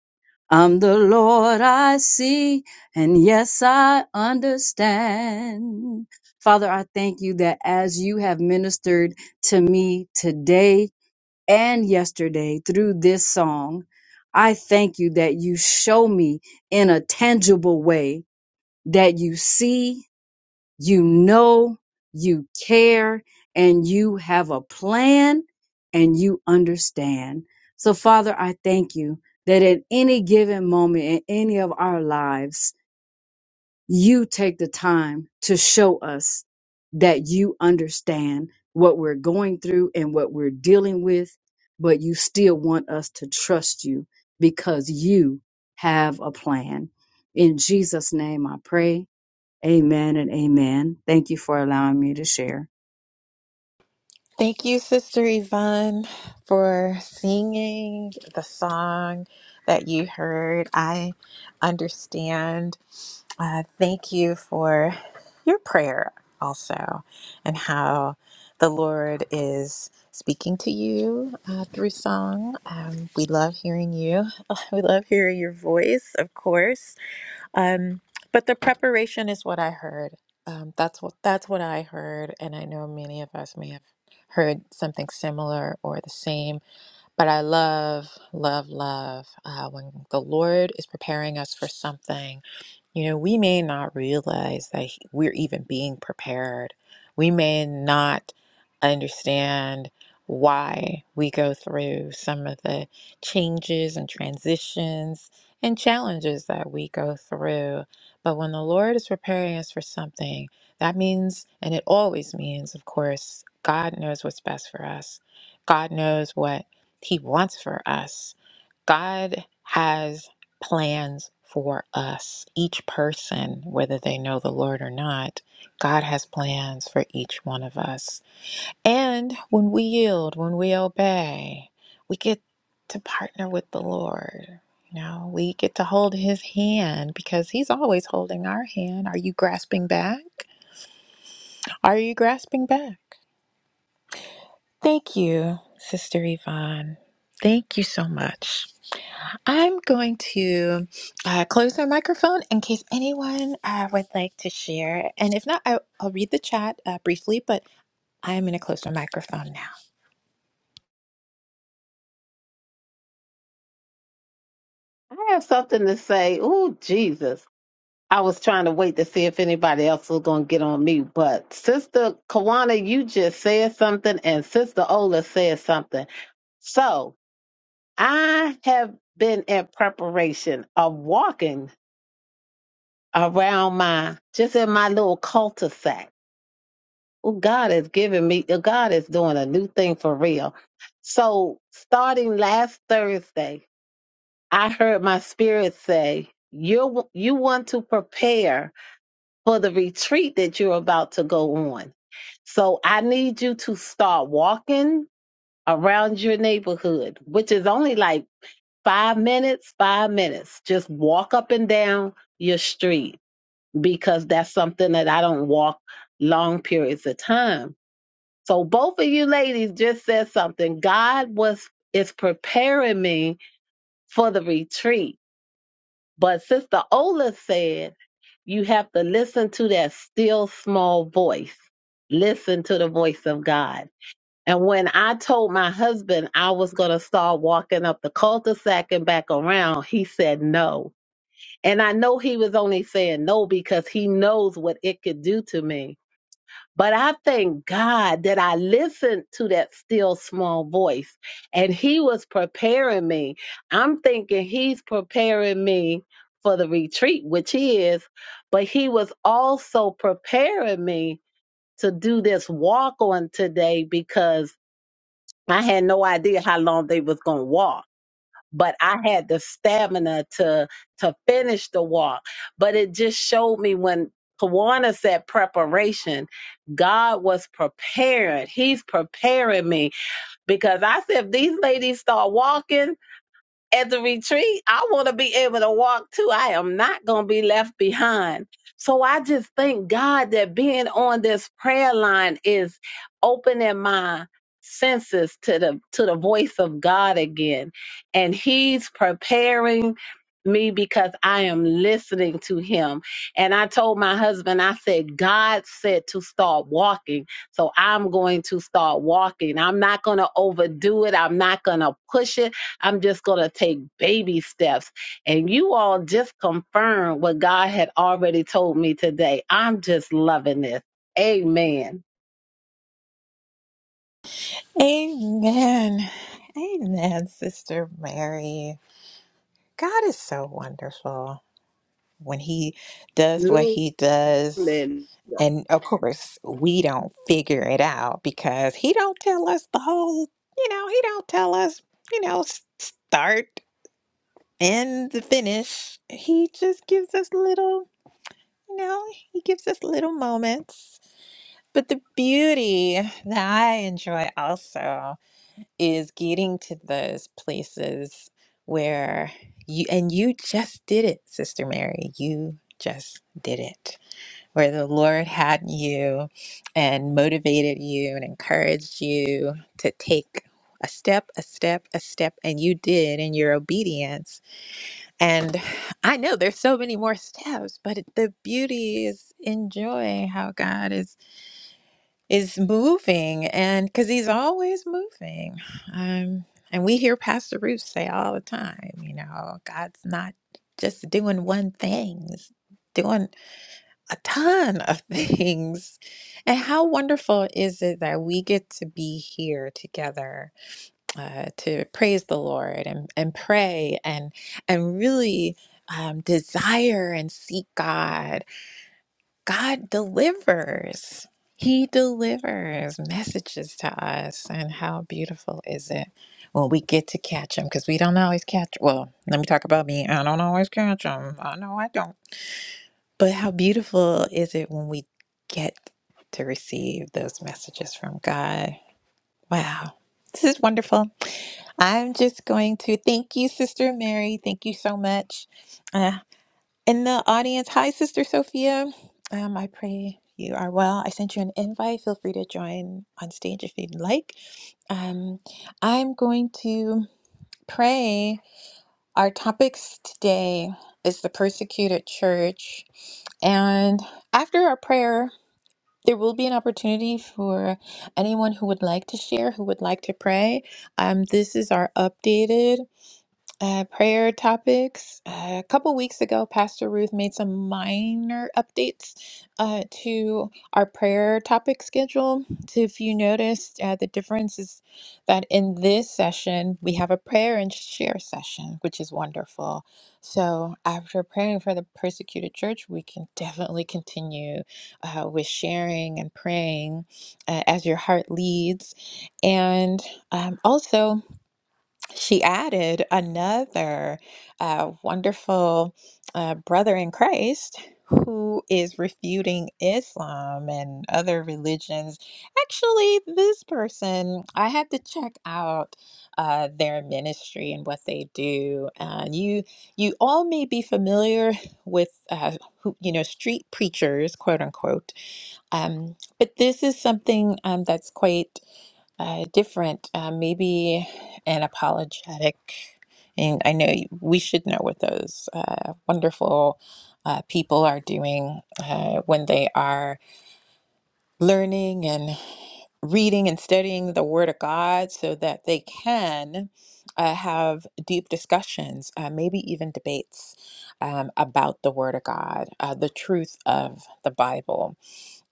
I'm the Lord I see, and yes, I understand. Father, I thank you that as you have ministered to me today, and yesterday through this song. I thank you that you show me in a tangible way that you see, you know, you care, and you have a plan and you understand. So, Father, I thank you that at any given moment in any of our lives, you take the time to show us that you understand what we're going through and what we're dealing with, but you still want us to trust you because you have a plan. In Jesus' name I pray. Amen and amen. Thank you for allowing me to share.
Thank you, Sister Yvonne, for singing the song that you heard. I understand. Uh, thank you for your prayer also, and how the Lord is speaking to you uh, through song. Um, we love hearing you. we love hearing your voice, of course Um, but the preparation is what I heard. Um, that's what that's what I heard, and I know many of us may have heard something similar or the same. But I love, love, love uh, when the Lord is preparing us for something you know, we may not realize that he- we're even being prepared. We may not understand why we go through some of the changes and transitions and challenges that we go through. But when the Lord is preparing us for something, that means, and it always means, of course, God knows what's best for us. God knows what He wants for us. God has plans for us, each person, whether they know the Lord or not. God has plans for each one of us. And when we yield, when we obey, we get to partner with the Lord. You know, we get to hold his hand because he's always holding our hand. Are you grasping back? Are you grasping back? Thank you, Sister Yvonne. Thank you so much. I'm going to uh, close my microphone in case anyone uh, would like to share. And if not, I, I'll read the chat uh, briefly, but I'm going to close my microphone now.
have something to say. Oh, Jesus. I was trying to wait to see if anybody else was going to get on me, but Sister Kawana, you just said something, and Sister Ola said something. So I have been in preparation of walking around my, just in my little cul-de-sac. Oh, God is giving me, God is doing a new thing for real. So starting last Thursday, I heard my spirit say, you you want to prepare for the retreat that you're about to go on. So I need you to start walking around your neighborhood, which is only like 5 minutes, 5 minutes. Just walk up and down your street because that's something that I don't walk long periods of time. So both of you ladies just said something. God was is preparing me for the retreat But Sister Ola said you have to listen to that still small voice. Listen to the voice of God. And when I told my husband I was going to start walking up the cul-de-sac and back around, he said no. And I know he was only saying no because he knows what it could do to me. But I thank God that I listened to that still small voice and he was preparing me. I'm thinking he's preparing me for the retreat, which he is, but he was also preparing me to do this walk on today because I had no idea how long they was going to walk but I had the stamina to to finish the walk. But it just showed me when Kawana said preparation, God was preparing. He's preparing me because I said if these ladies start walking at the retreat, I want to be able to walk too. I am not going to be left behind. So I just thank God that being on this prayer line is opening my senses to the to the voice of God again. And he's preparing me because I am listening to him. And I told my husband, I said, God said to start walking. So I'm going to start walking. I'm not going to overdo it. I'm not going to push it. I'm just going to take baby steps. And you all just confirmed what God had already told me today. I'm just loving this. Amen.
Amen. Amen, Sister Mary. God is so wonderful when He does what He does.
Absolutely.
And of course, we don't figure it out because He don't tell us the whole, you know, He don't tell us, you know, s- start. in the finish, he just gives us little, you know, he gives us little moments. But the beauty that I enjoy also is getting to those places where you, and you just did it, Sister Mary. You just did it. Where the Lord had you and motivated you and encouraged you to take a step, a step, a step, and you did in your obedience and I know there's so many more steps, but it- the beauty is enjoying how God is is moving, and because He's always moving. Um, and we hear Pastor Ruth say all the time, you know, God's not just doing one thing; He's doing a ton of things. And how wonderful is it that we get to be here together uh, to praise the Lord and, and pray and and really um, desire and seek God. God delivers. He delivers messages to us, and how beautiful is it when we get to catch him? Because we don't always catch. Well, let me talk about me. I don't always catch him. I know I don't. But how beautiful is it when we get to receive those messages from God? Wow. This is wonderful. I'm just going to thank you, Sister Mary. Thank you so much. Uh, in the audience, hi, Sister Sophia. Um, I pray you are well. I sent you an invite. Feel free to join on stage if you'd like. Um, I'm going to pray. Our topics today is the persecuted church. And after our prayer, there will be an opportunity for anyone who would like to share, who would like to pray. Um, this is our updated uh, prayer topics. Uh, a couple weeks ago, Pastor Ruth made some minor updates uh, to our prayer topic schedule. So if you noticed, uh, the difference is that in this session, we have a prayer and share session, which is wonderful. So after praying for the persecuted church, we can definitely continue uh, with sharing and praying uh, as your heart leads. And um, also, she added another uh, wonderful uh, brother in Christ who is refuting Islam and other religions. Actually, this person, I had to check out uh, their ministry and what they do. Uh, you, you all may be familiar with, uh, who, you know, street preachers, quote unquote um, but this is something um, that's quite uh, different, uh, maybe an apologetic. And I know y- we should know what those uh, wonderful uh, people are doing uh, when they are learning and reading and studying the Word of God so that they can uh, have deep discussions, uh, maybe even debates um, about the Word of God, uh, the truth of the Bible.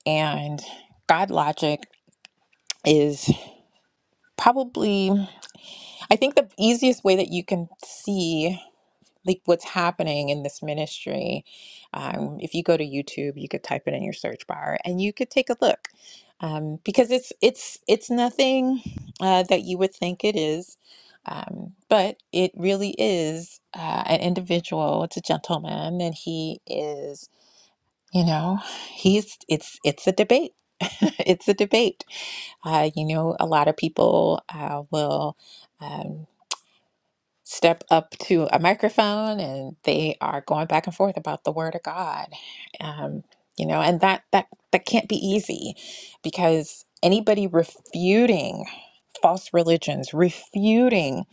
And God logic is probably, I think, the easiest way that you can see like what's happening in this ministry. Um, if you go to YouTube, you could type it in your search bar and you could take a look um, because it's it's it's nothing uh, that you would think it is. Um, but it really is uh, an individual. It's a gentleman, and he is You know, he's it's it's a debate. It's a debate. Uh, you know, a lot of people uh, will um, step up to a microphone and they are going back and forth about the word of God. Um, you know, and that that that can't be easy because anybody refuting false religions, refuting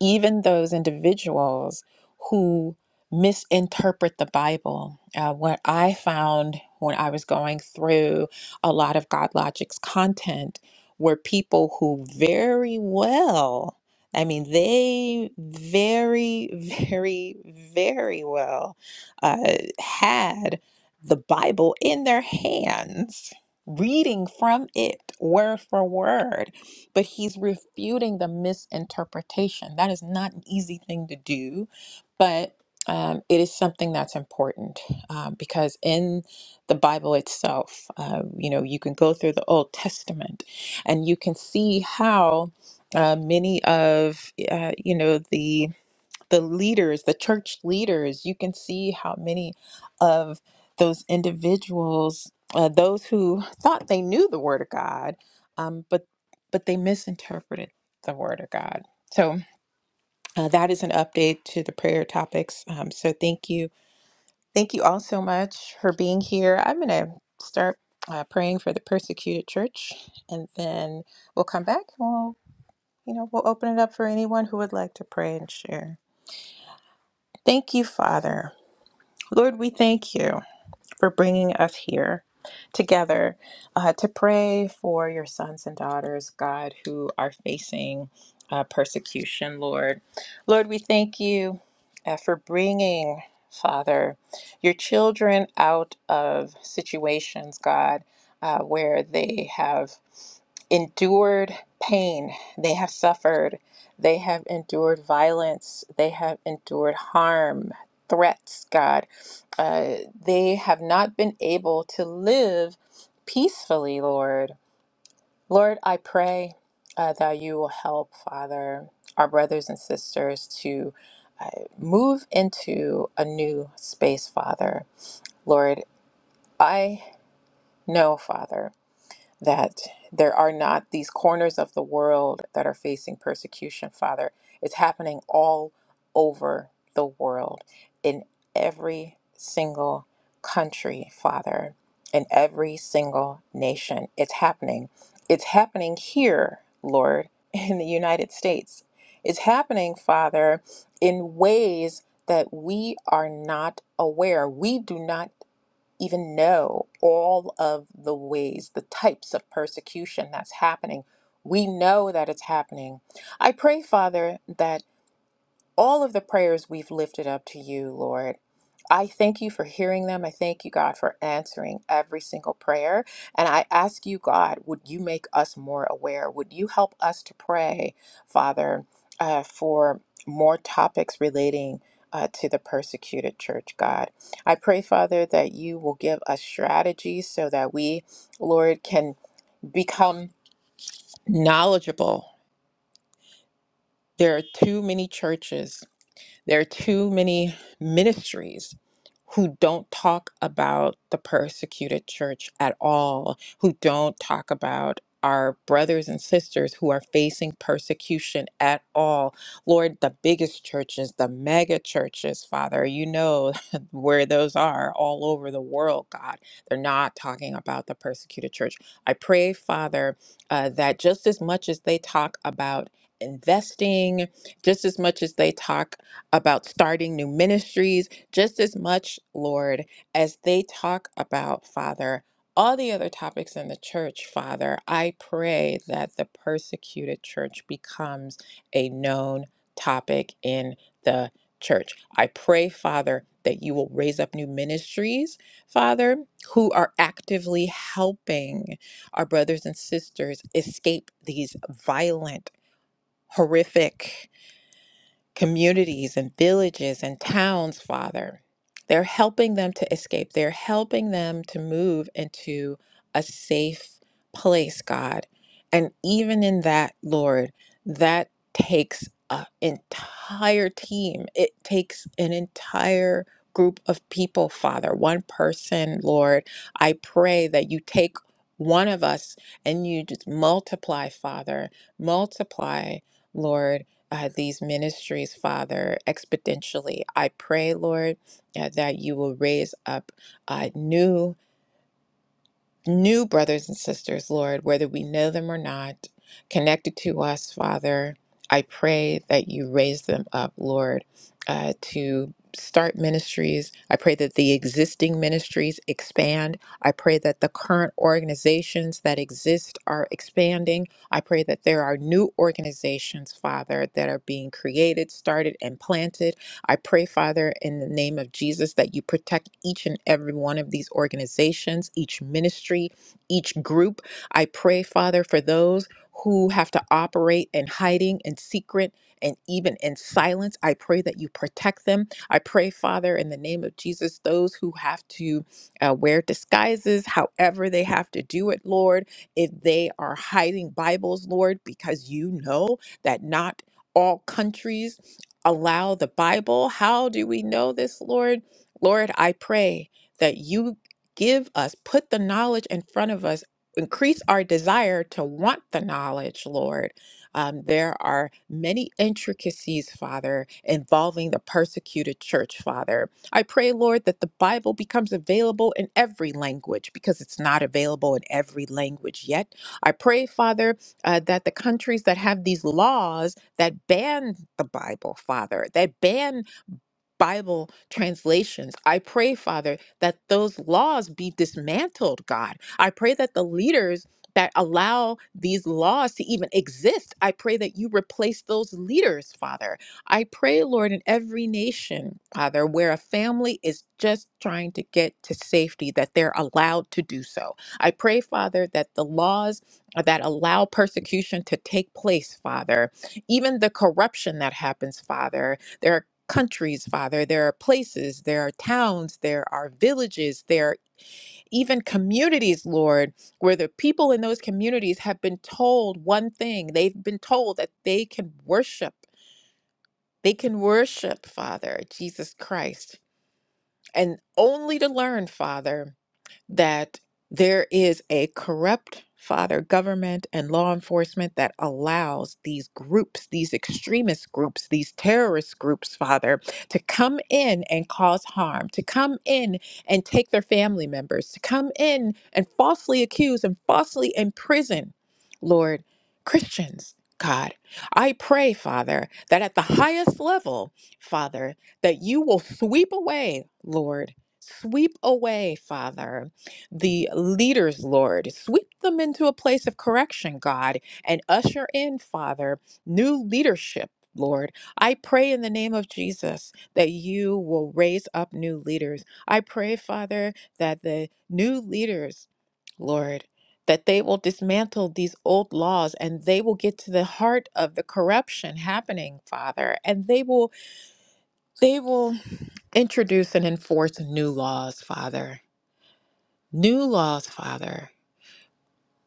even those individuals who misinterpret the Bible. Uh, what I found when I was going through a lot of God Logic's content were people who very well, I mean, they very, very, very well uh, had the Bible in their hands, reading from it word for word but he's refuting the misinterpretation. That is not an easy thing to do, but um, it is something that's important um, because in the Bible itself, uh, you know, you can go through the Old Testament and you can see how uh, many of, uh, you know, the the leaders, the church leaders, you can see how many of those individuals, uh, those who thought they knew the Word of God, um, but but they misinterpreted the Word of God. So uh, that is an update to the prayer topics. Um, so thank you, thank you all so much for being here. I'm gonna start uh, praying for the persecuted church, and then we'll come back and we'll you know we'll open it up for anyone who would like to pray and share. Thank you, Father. Lord, we thank you for bringing us here together uh, to pray for your sons and daughters, God, who are facing uh, persecution, Lord. Lord, we thank you uh, for bringing, Father, your children out of situations, God, uh, where they have endured pain, they have suffered, they have endured violence, they have endured harm, threats, God uh, they have not been able to live peacefully, Lord. Lord, I pray uh, that you will help, Father, our brothers and sisters to uh, move into a new space, Father. Lord, I know, Father that there are not these corners of the world that are facing persecution, Father. It's happening all over the world, in every single country, Father, in every single nation. It's happening. It's happening here, Lord, in the United States. It's happening, Father, in ways that we are not aware. We do not even know all of the ways, the types of persecution that's happening. We know that it's happening. I pray, Father, that all of the prayers we've lifted up to you, Lord. I thank you for hearing them. I thank you, God, for answering every single prayer. And I ask you, God, would you make us more aware? Would you help us to pray, Father, uh, for more topics relating uh, to the persecuted church, God? I pray, Father, that you will give us strategies so that we, Lord, can become knowledgeable. There are too many churches There are too many ministries who don't talk about the persecuted church at all, who don't talk about our brothers and sisters who are facing persecution at all. Lord, the biggest churches, the mega churches, Father, you know where those are all over the world, God. They're not talking about the persecuted church. I pray, Father, uh, that just as much as they talk about investing, just as much as they talk about starting new ministries just as much, Lord, as they talk about, Father, all the other topics in the church, Father. I pray that the persecuted church becomes a known topic in the church. I pray, Father, that you will raise up new ministries, Father, who are actively helping our brothers and sisters escape these violent, horrific, communities and villages and towns, Father. They're helping them to escape. They're helping them to move into a safe place, God. And even in that, Lord, that takes an entire team. It takes an entire group of people, Father. One person, Lord. I pray that you take one of us and you just multiply, Father. Multiply, Lord uh, these ministries, Father, exponentially. I pray, Lord, uh, that you will raise up uh, new new brothers and sisters, Lord, whether we know them or not, connected to us, Father. I pray that you raise them up, Lord, uh, to start ministries. I pray that the existing ministries expand. I pray that the current organizations that exist are expanding. I pray that there are new organizations, Father, that are being created, started, and planted. I pray, Father, in the name of Jesus, that you protect each and every one of these organizations, each ministry, each group. I pray, Father, for those who have to operate in hiding and secret and even in silence. I pray that you protect them. I pray, Father, in the name of Jesus, those who have to uh, wear disguises, however they have to do it, Lord, if they are hiding Bibles, Lord, because you know that not all countries allow the Bible. How do we know this, Lord? Lord, I pray that you give us, put the knowledge in front of us, increase our desire to want the knowledge, Lord. Um, there are many intricacies, Father, involving the persecuted church, Father. I pray, Lord, that the Bible becomes available in every language because it's not available in every language yet. I pray, Father, uh, that the countries that have these laws that ban the Bible, Father, that ban Bible translations. I pray, Father, that those laws be dismantled, God. I pray that the leaders that allow these laws to even exist, I pray that you replace those leaders, Father. I pray, Lord, in every nation, Father, where a family is just trying to get to safety, that they're allowed to do so. I pray, Father, that the laws that allow persecution to take place, Father, even the corruption that happens, Father countries, Father. There are places, there are towns, there are villages, there are even communities, Lord, where the people in those communities have been told one thing. They've been told that they can worship. They can worship, Father, Jesus Christ, and only to learn, Father that there is a corrupt father government and law enforcement that allows these groups these extremist groups these terrorist groups father to come in and cause harm to come in and take their family members to come in and falsely accuse and falsely imprison lord christians god i pray father that at the highest level father that you will sweep away lord sweep away father the leaders, Lord. Sweep them into a place of correction, God, and usher in, Father, new leadership. Lord, I pray in the name of Jesus that you will raise up new leaders. I pray, Father, that the new leaders, Lord, that they will dismantle these old laws and they will get to the heart of the corruption happening, Father, and they will they will introduce and enforce new laws, Father. New laws, Father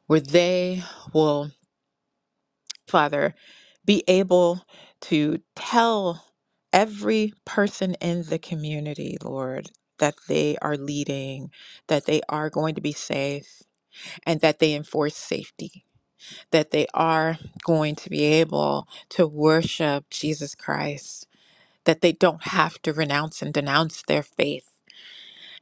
where they will, Father, be able to tell every person in the community, Lord, that they are leading, that they are going to be safe, and that they enforce safety, that they are going to be able to worship Jesus Christ, that they don't have to renounce and denounce their faith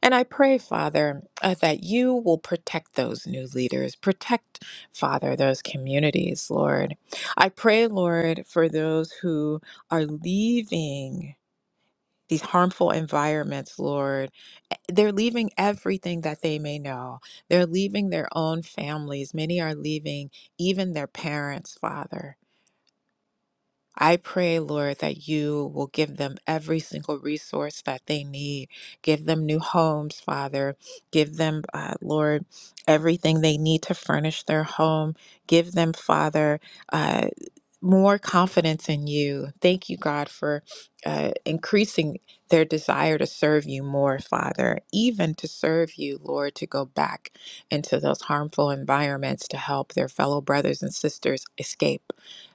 And I pray, Father, uh, that you will protect those new leaders, protect, Father, those communities, Lord. I pray, Lord, for those who are leaving these harmful environments, Lord. E, They're leaving everything that they may know. They're leaving their own families. Many are leaving even their parents, Father. I pray, Lord, that you will give them every single resource that they need. Give them new homes, Father. Give them, uh, Lord, everything they need to furnish their home. Give them, Father. uh, more confidence in you. Thank you, God, for uh, increasing their desire to serve you more, Father, even to serve you, Lord, to go back into those harmful environments to help their fellow brothers and sisters escape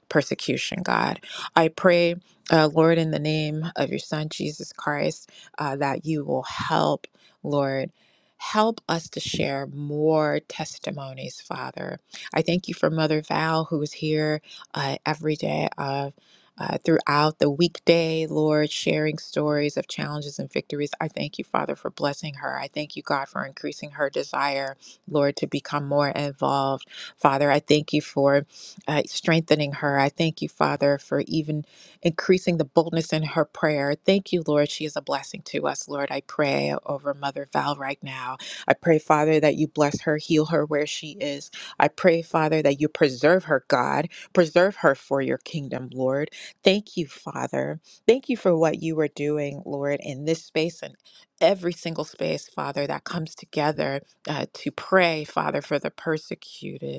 persecution, God. I pray, uh, Lord, in the name of your Son, Jesus Christ, uh, that you will help, Lord. Help us to share more testimonies, Father. I thank you for Mother Val, who is here uh, every day of uh, throughout the weekday, Lord, sharing stories of challenges and victories. I thank you, Father, for blessing her. I thank you, God, for increasing her desire, Lord, to become more involved. Father, I thank you for uh, strengthening her. I thank you, Father, for even increasing the boldness in her prayer. Thank you, Lord. She is a blessing to us, Lord. I pray over Mother Val right now. I pray, Father, that you bless her, heal her where she is. I pray, Father, that you preserve her, God. Preserve her for your kingdom, Lord. Thank you, Father. Thank you for what you are doing, Lord, in this space and every single space, Father, that comes together uh, to pray, Father, for the persecuted.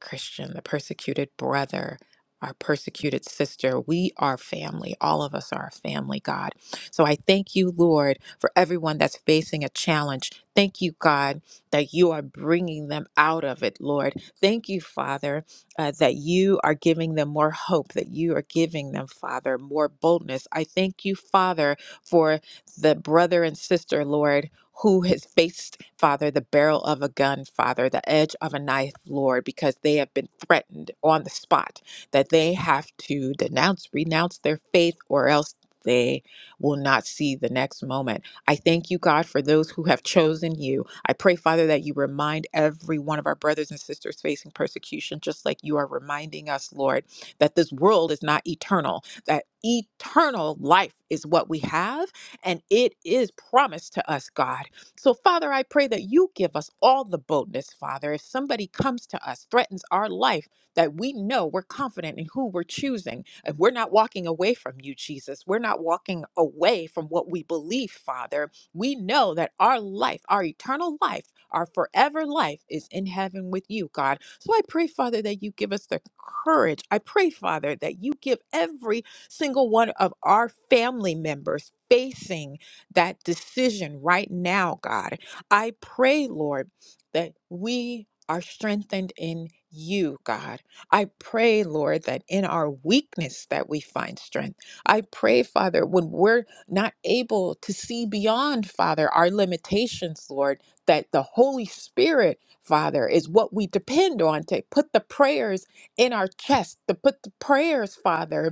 Christian, the persecuted brother, our persecuted sister. We are family. All of us are a family, God. So I thank you, Lord, for everyone that's facing a challenge. Thank you, God, that you are bringing them out of it, Lord. Thank you, Father, uh, that you are giving them more hope, that you are giving them, Father, more boldness. I thank you, Father, for the brother and sister, Lord, who has faced, Father, the barrel of a gun, Father, the edge of a knife, Lord, because they have been threatened on the spot that they have to denounce, renounce their faith, or else they will not see the next moment. I thank you, God, for those who have chosen you. I pray, Father, that you remind every one of our brothers and sisters facing persecution, just like you are reminding us, Lord, that this world is not eternal, that eternal life is what we have and it is promised to us, God. So, Father, I pray that you give us all the boldness, Father. If somebody comes to us, threatens our life, that we know we're confident in who we're choosing, and we're not walking away from you, Jesus. We're not walking away from what we believe, Father. We know that our life, our eternal life, our forever life is in heaven with you, God. So I pray, Father, that you give us the courage. I pray, Father, that you give every single one of our family members facing that decision right now, God. I pray, Lord, that we are strengthened in you, God. I pray, Lord, that in our weakness that we find strength. I pray, Father, when we're not able to see beyond, Father, our limitations, Lord, that the Holy Spirit, Father, is what we depend on to put the prayers in our chest, to put the prayers, Father,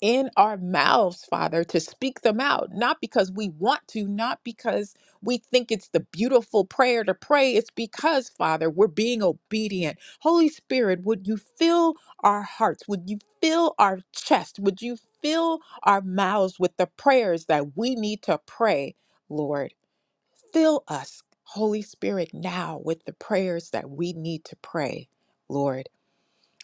in our mouths, Father, to speak them out, not because we want to, not because we think it's the beautiful prayer to pray. It's because, Father, we're being obedient. Holy Spirit, would you fill our hearts? Would you fill our chest? Would you fill our mouths with the prayers that we need to pray, Lord? Fill us, Holy Spirit, now with the prayers that we need to pray, Lord.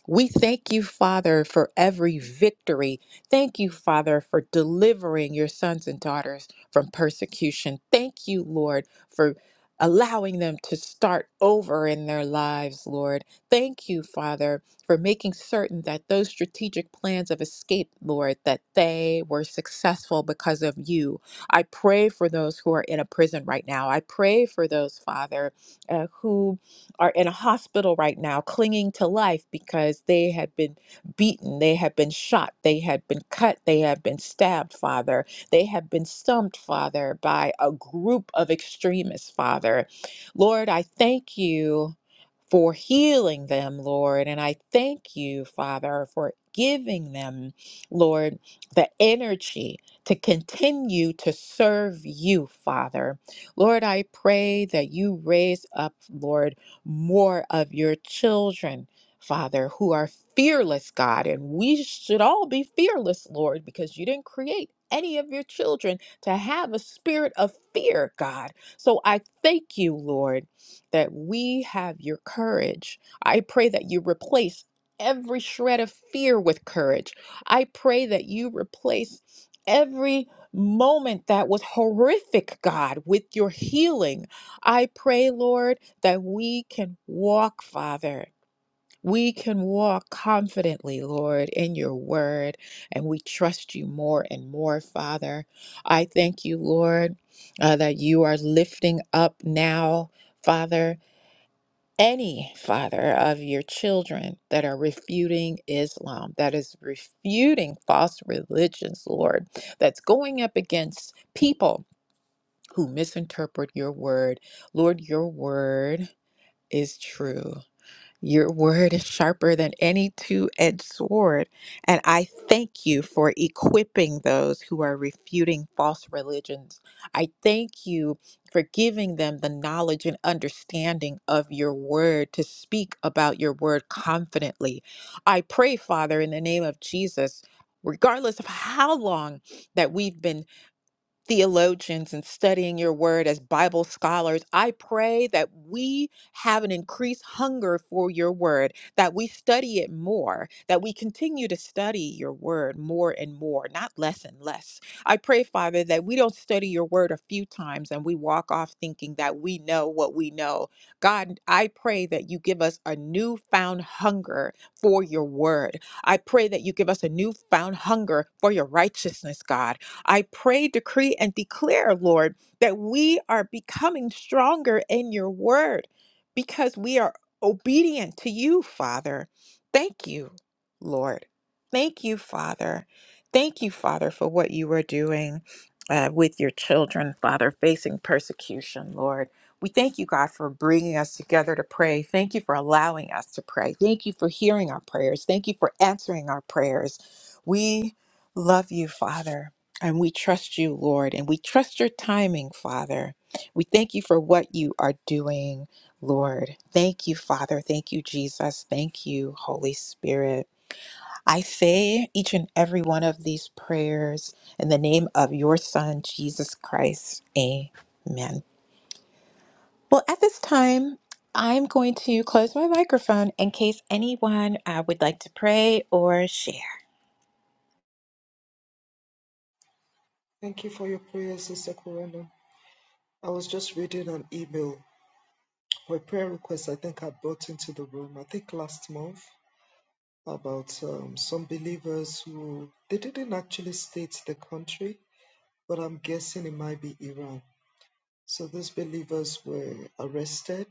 We thank you, Father, for every victory. Thank you, Father, for delivering your sons and daughters from persecution. Thank you, Lord, for allowing them to start over in their lives, Lord. Thank you, Father, for making certain that those strategic plans of escape, Lord, that they were successful because of you. I pray for those who are in a prison right now. I pray for those, Father, uh, who are in a hospital right now clinging to life because they had been beaten, they had been shot, they had been cut, they had been stabbed, Father. They have been stumped, Father, by a group of extremists, Father. Lord, I thank you for healing them, Lord. And I thank you, Father, for giving them, Lord, the energy to continue to serve you, Father. Lord, I pray that you raise up, Lord, more of your children. Father, who are fearless, God, and we should all be fearless, Lord, because you didn't create any of your children to have a spirit of fear, God. So I thank you, Lord, that we have your courage. I pray that you replace every shred of fear with courage. I pray that you replace every moment that was horrific, God, with your healing. I pray, Lord, that we can walk, Father. We can walk confidently, Lord, in your word, and we trust you more and more, Father. I thank you, Lord, uh, that you are lifting up now, Father any father of your children that are refuting Islam, that is refuting false religions, Lord, that's going up against people who misinterpret your word. Lord, your word is true. Your word is sharper than any two edged sword. And I thank you for equipping those who are refuting false religions. I thank you for giving them the knowledge and understanding of your word to speak about your word confidently. I pray, Father, in the name of Jesus, regardless of how long that we've been theologians and studying your word as Bible scholars, I pray that we have an increased hunger for your word, that we study it more, that we continue to study your word more and more, not less and less. I pray, Father, that we don't study your word a few times and we walk off thinking that we know what we know. God, I pray that you give us a newfound hunger for your word. I pray that you give us a newfound hunger for your righteousness, God. I pray, decree, and declare, Lord, that we are becoming stronger in your word because we are obedient to you, Father. Thank you, Lord. Thank you, Father. Thank you, Father, for what you are doing uh, with your children, Father, facing persecution, Lord. We thank you, God, for bringing us together to pray. Thank you for allowing us to pray. Thank you for hearing our prayers. Thank you for answering our prayers. We love you, Father. And we trust you, Lord, and we trust your timing, Father. We thank you for what you are doing, Lord. Thank you, Father. Thank you, Jesus. Thank you, Holy Spirit. I say each and every one of these prayers in the name of your Son, Jesus Christ. Amen. Well, at this time, I'm going to close my microphone in case anyone uh, would like to pray or share.
Thank you for your prayers, Sister Corona. I was just reading an email or a prayer request I think I brought into the room, I think last month. about um, some believers who they didn't actually state the country, but I'm guessing it might be Iran. So these believers were arrested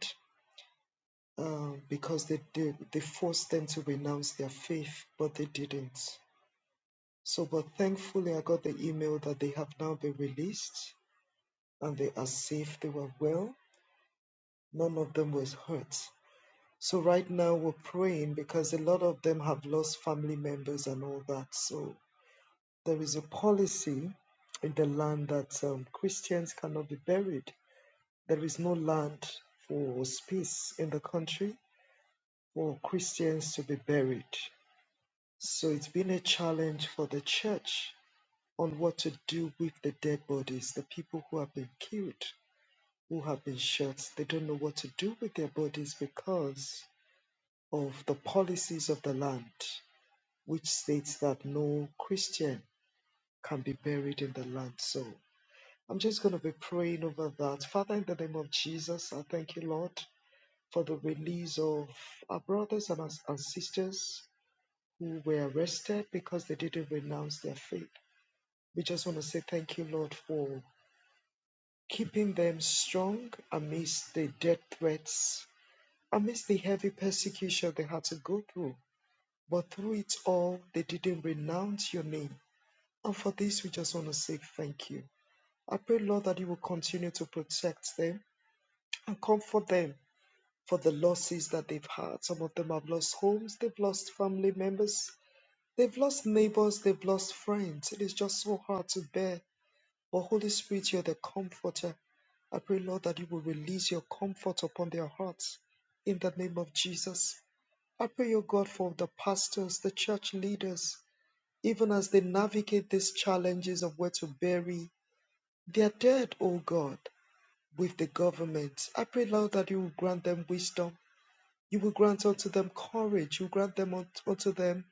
um, because they, they they forced them to renounce their faith, but they didn't. So, but thankfully, I got the email that they have now been released and they are safe. They were well. None of them was hurt. So right now we're praying because a lot of them have lost family members and all that. So There is a policy in the land that um, Christians cannot be buried. There is no land for space in the country for Christians to be buried. So it's been a challenge for the church on what to do with the dead bodies, the people who have been killed, who have been shot. They don't know what to do with their bodies because of the policies of the land, which states that no Christian can be buried in the land. So I'm just going to be praying over that. Father, in the name of Jesus, I thank you, Lord, for the release of our brothers and our, our sisters who were arrested because they didn't renounce their faith. We just want to say thank you, Lord, for keeping them strong amidst the death threats, amidst the heavy persecution they had to go through. But through it all, they didn't renounce your name. And for this, we just want to say thank you. I pray, Lord, that you will continue to protect them and comfort them for the losses that they've had. Some of them have lost homes, they've lost family members, they've lost neighbors, they've lost friends. It is just so hard to bear. But Holy Spirit, you're the comforter. I pray, Lord, that you will release your comfort upon their hearts in the name of Jesus. I pray, O God, for the pastors, the church leaders, even as they navigate these challenges of where to bury their dead, O God, with the government. I pray, Lord, that you will grant them wisdom you will grant unto them courage. You grant them un- unto them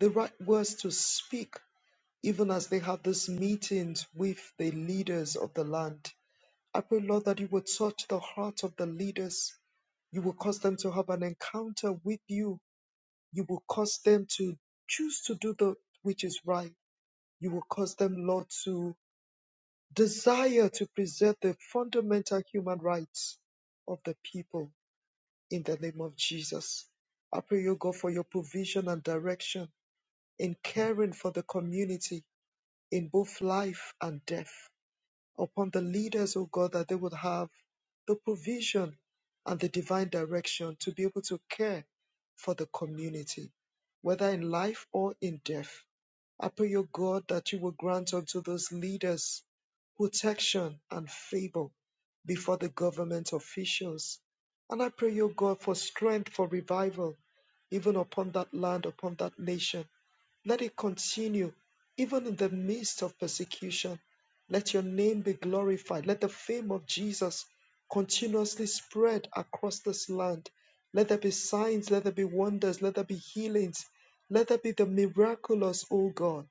the right words to speak, even as they have these meetings with the leaders of the land. I pray, Lord, that you will touch the heart of the leaders. You will cause them to have an encounter with you. You will cause them to choose to do the which is right. You will cause them, Lord, to desire to preserve the fundamental human rights of the people in the name of Jesus. I pray you, God, for your provision and direction in caring for the community in both life and death. Upon the leaders, O God, that they would have the provision and the divine direction to be able to care for the community, whether in life or in death. I pray, O God, that you will grant unto those leaders protection and favor before the government officials. And I pray, O God, for strength for revival, even upon that land, upon that nation. Let it continue, even in the midst of persecution. Let your name be glorified. Let the fame of Jesus continuously spread across this land. Let there be signs, let there be wonders, let there be healings, let there be the miraculous, O God,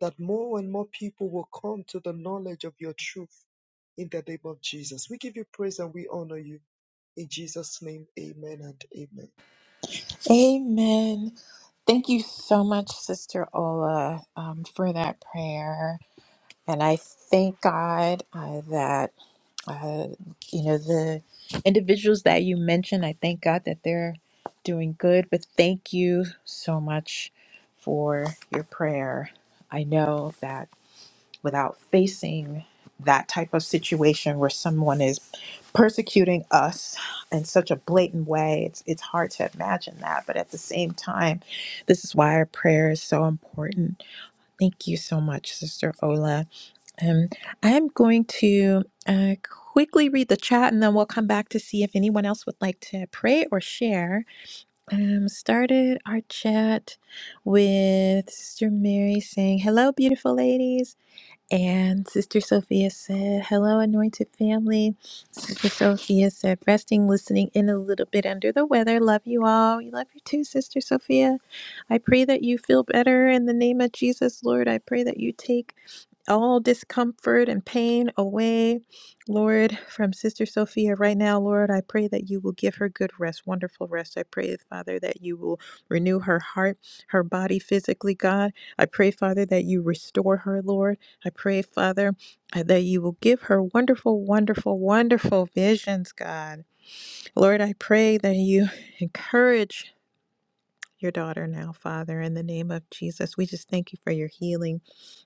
that more and more people will come to the knowledge of your truth in the name of Jesus. We give you praise and we honor you. In Jesus' name, amen and amen.
Amen. Thank you so much, Sister Ola, um, for that prayer. And I thank God uh, that, uh, you know, the individuals that you mentioned, I thank God that they're doing good. But thank you so much for your prayer. I know that without facing that type of situation where someone is persecuting us in such a blatant way it's it's hard to imagine that but at the same time this is why our prayer is so important thank you so much sister ola um i'm going to uh quickly read the chat and then we'll come back to see if anyone else would like to pray or share um started our chat with sister mary saying hello beautiful ladies and Sister Sophia said, Hello, anointed family. Sister Sophia said, Resting, listening in a little bit under the weather. Love you all. We love you too, Sister Sophia. I pray that you feel better in the name of Jesus, Lord. I pray that you take all discomfort and pain away, Lord, from Sister Sophia right now, Lord. I pray that you will give her good rest, wonderful rest. I pray, Father, that you will renew her heart, her body physically, God. I pray, Father, that you restore her, Lord. I pray, Father, uh, that you will give her wonderful, wonderful, wonderful visions, God. Lord, I pray that you encourage your daughter now, Father, in the name of Jesus. We just thank you for your healing.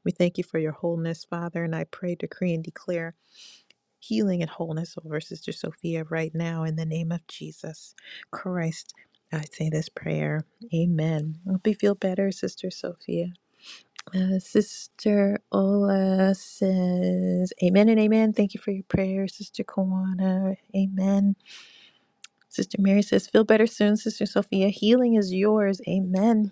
We thank you for your wholeness, Father. And I pray, decree, and declare healing and wholeness over Sister Sophia right now in the name of Jesus Christ. I say this prayer. Amen. Hope you feel better, Sister Sophia. Uh, Sister Ola says, Amen and amen. Thank you for your prayer, Sister Kawana. Amen. Sister Mary says, Feel better soon, Sister Sophia. Healing is yours. Amen.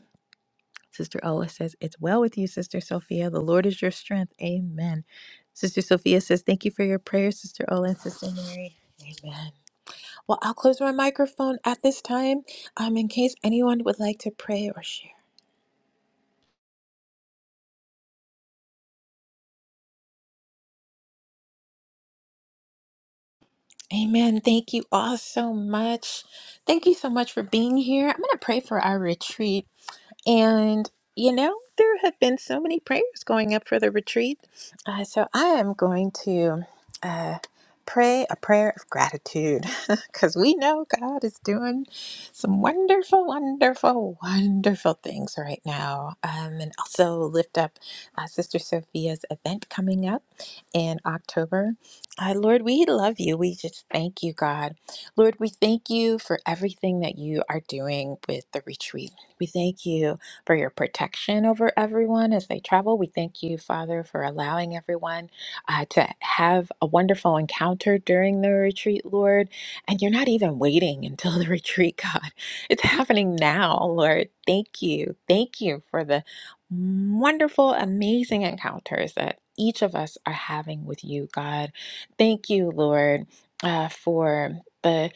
Sister Ola says, It's well with you, Sister Sophia. The Lord is your strength. Amen. Sister Sophia says, Thank you for your prayers, Sister Ola and Sister Mary. Amen. Well, I'll close my microphone at this time um, in case anyone would like to pray or share. Amen. Thank you all so much. Thank you so much for being here. I'm going to pray for our retreat. And, you know, there have been so many prayers going up for the retreat. Uh, so I am going to uh, pray a prayer of gratitude because we know God is doing some wonderful, wonderful, wonderful things right now. Um, and also lift up uh, Sister Sophia's event coming up in October. Uh, Lord, we love you. We just thank you, God. Lord, we thank you for everything that you are doing with the retreat. We thank you for your protection over everyone as they travel. We thank you, Father, for allowing everyone uh, to have a wonderful encounter during the retreat, Lord. And you're not even waiting until the retreat, God. It's happening now, Lord. Thank you. Thank you for the wonderful, amazing encounters that each of us are having with you, God. Thank you, Lord, uh, for. The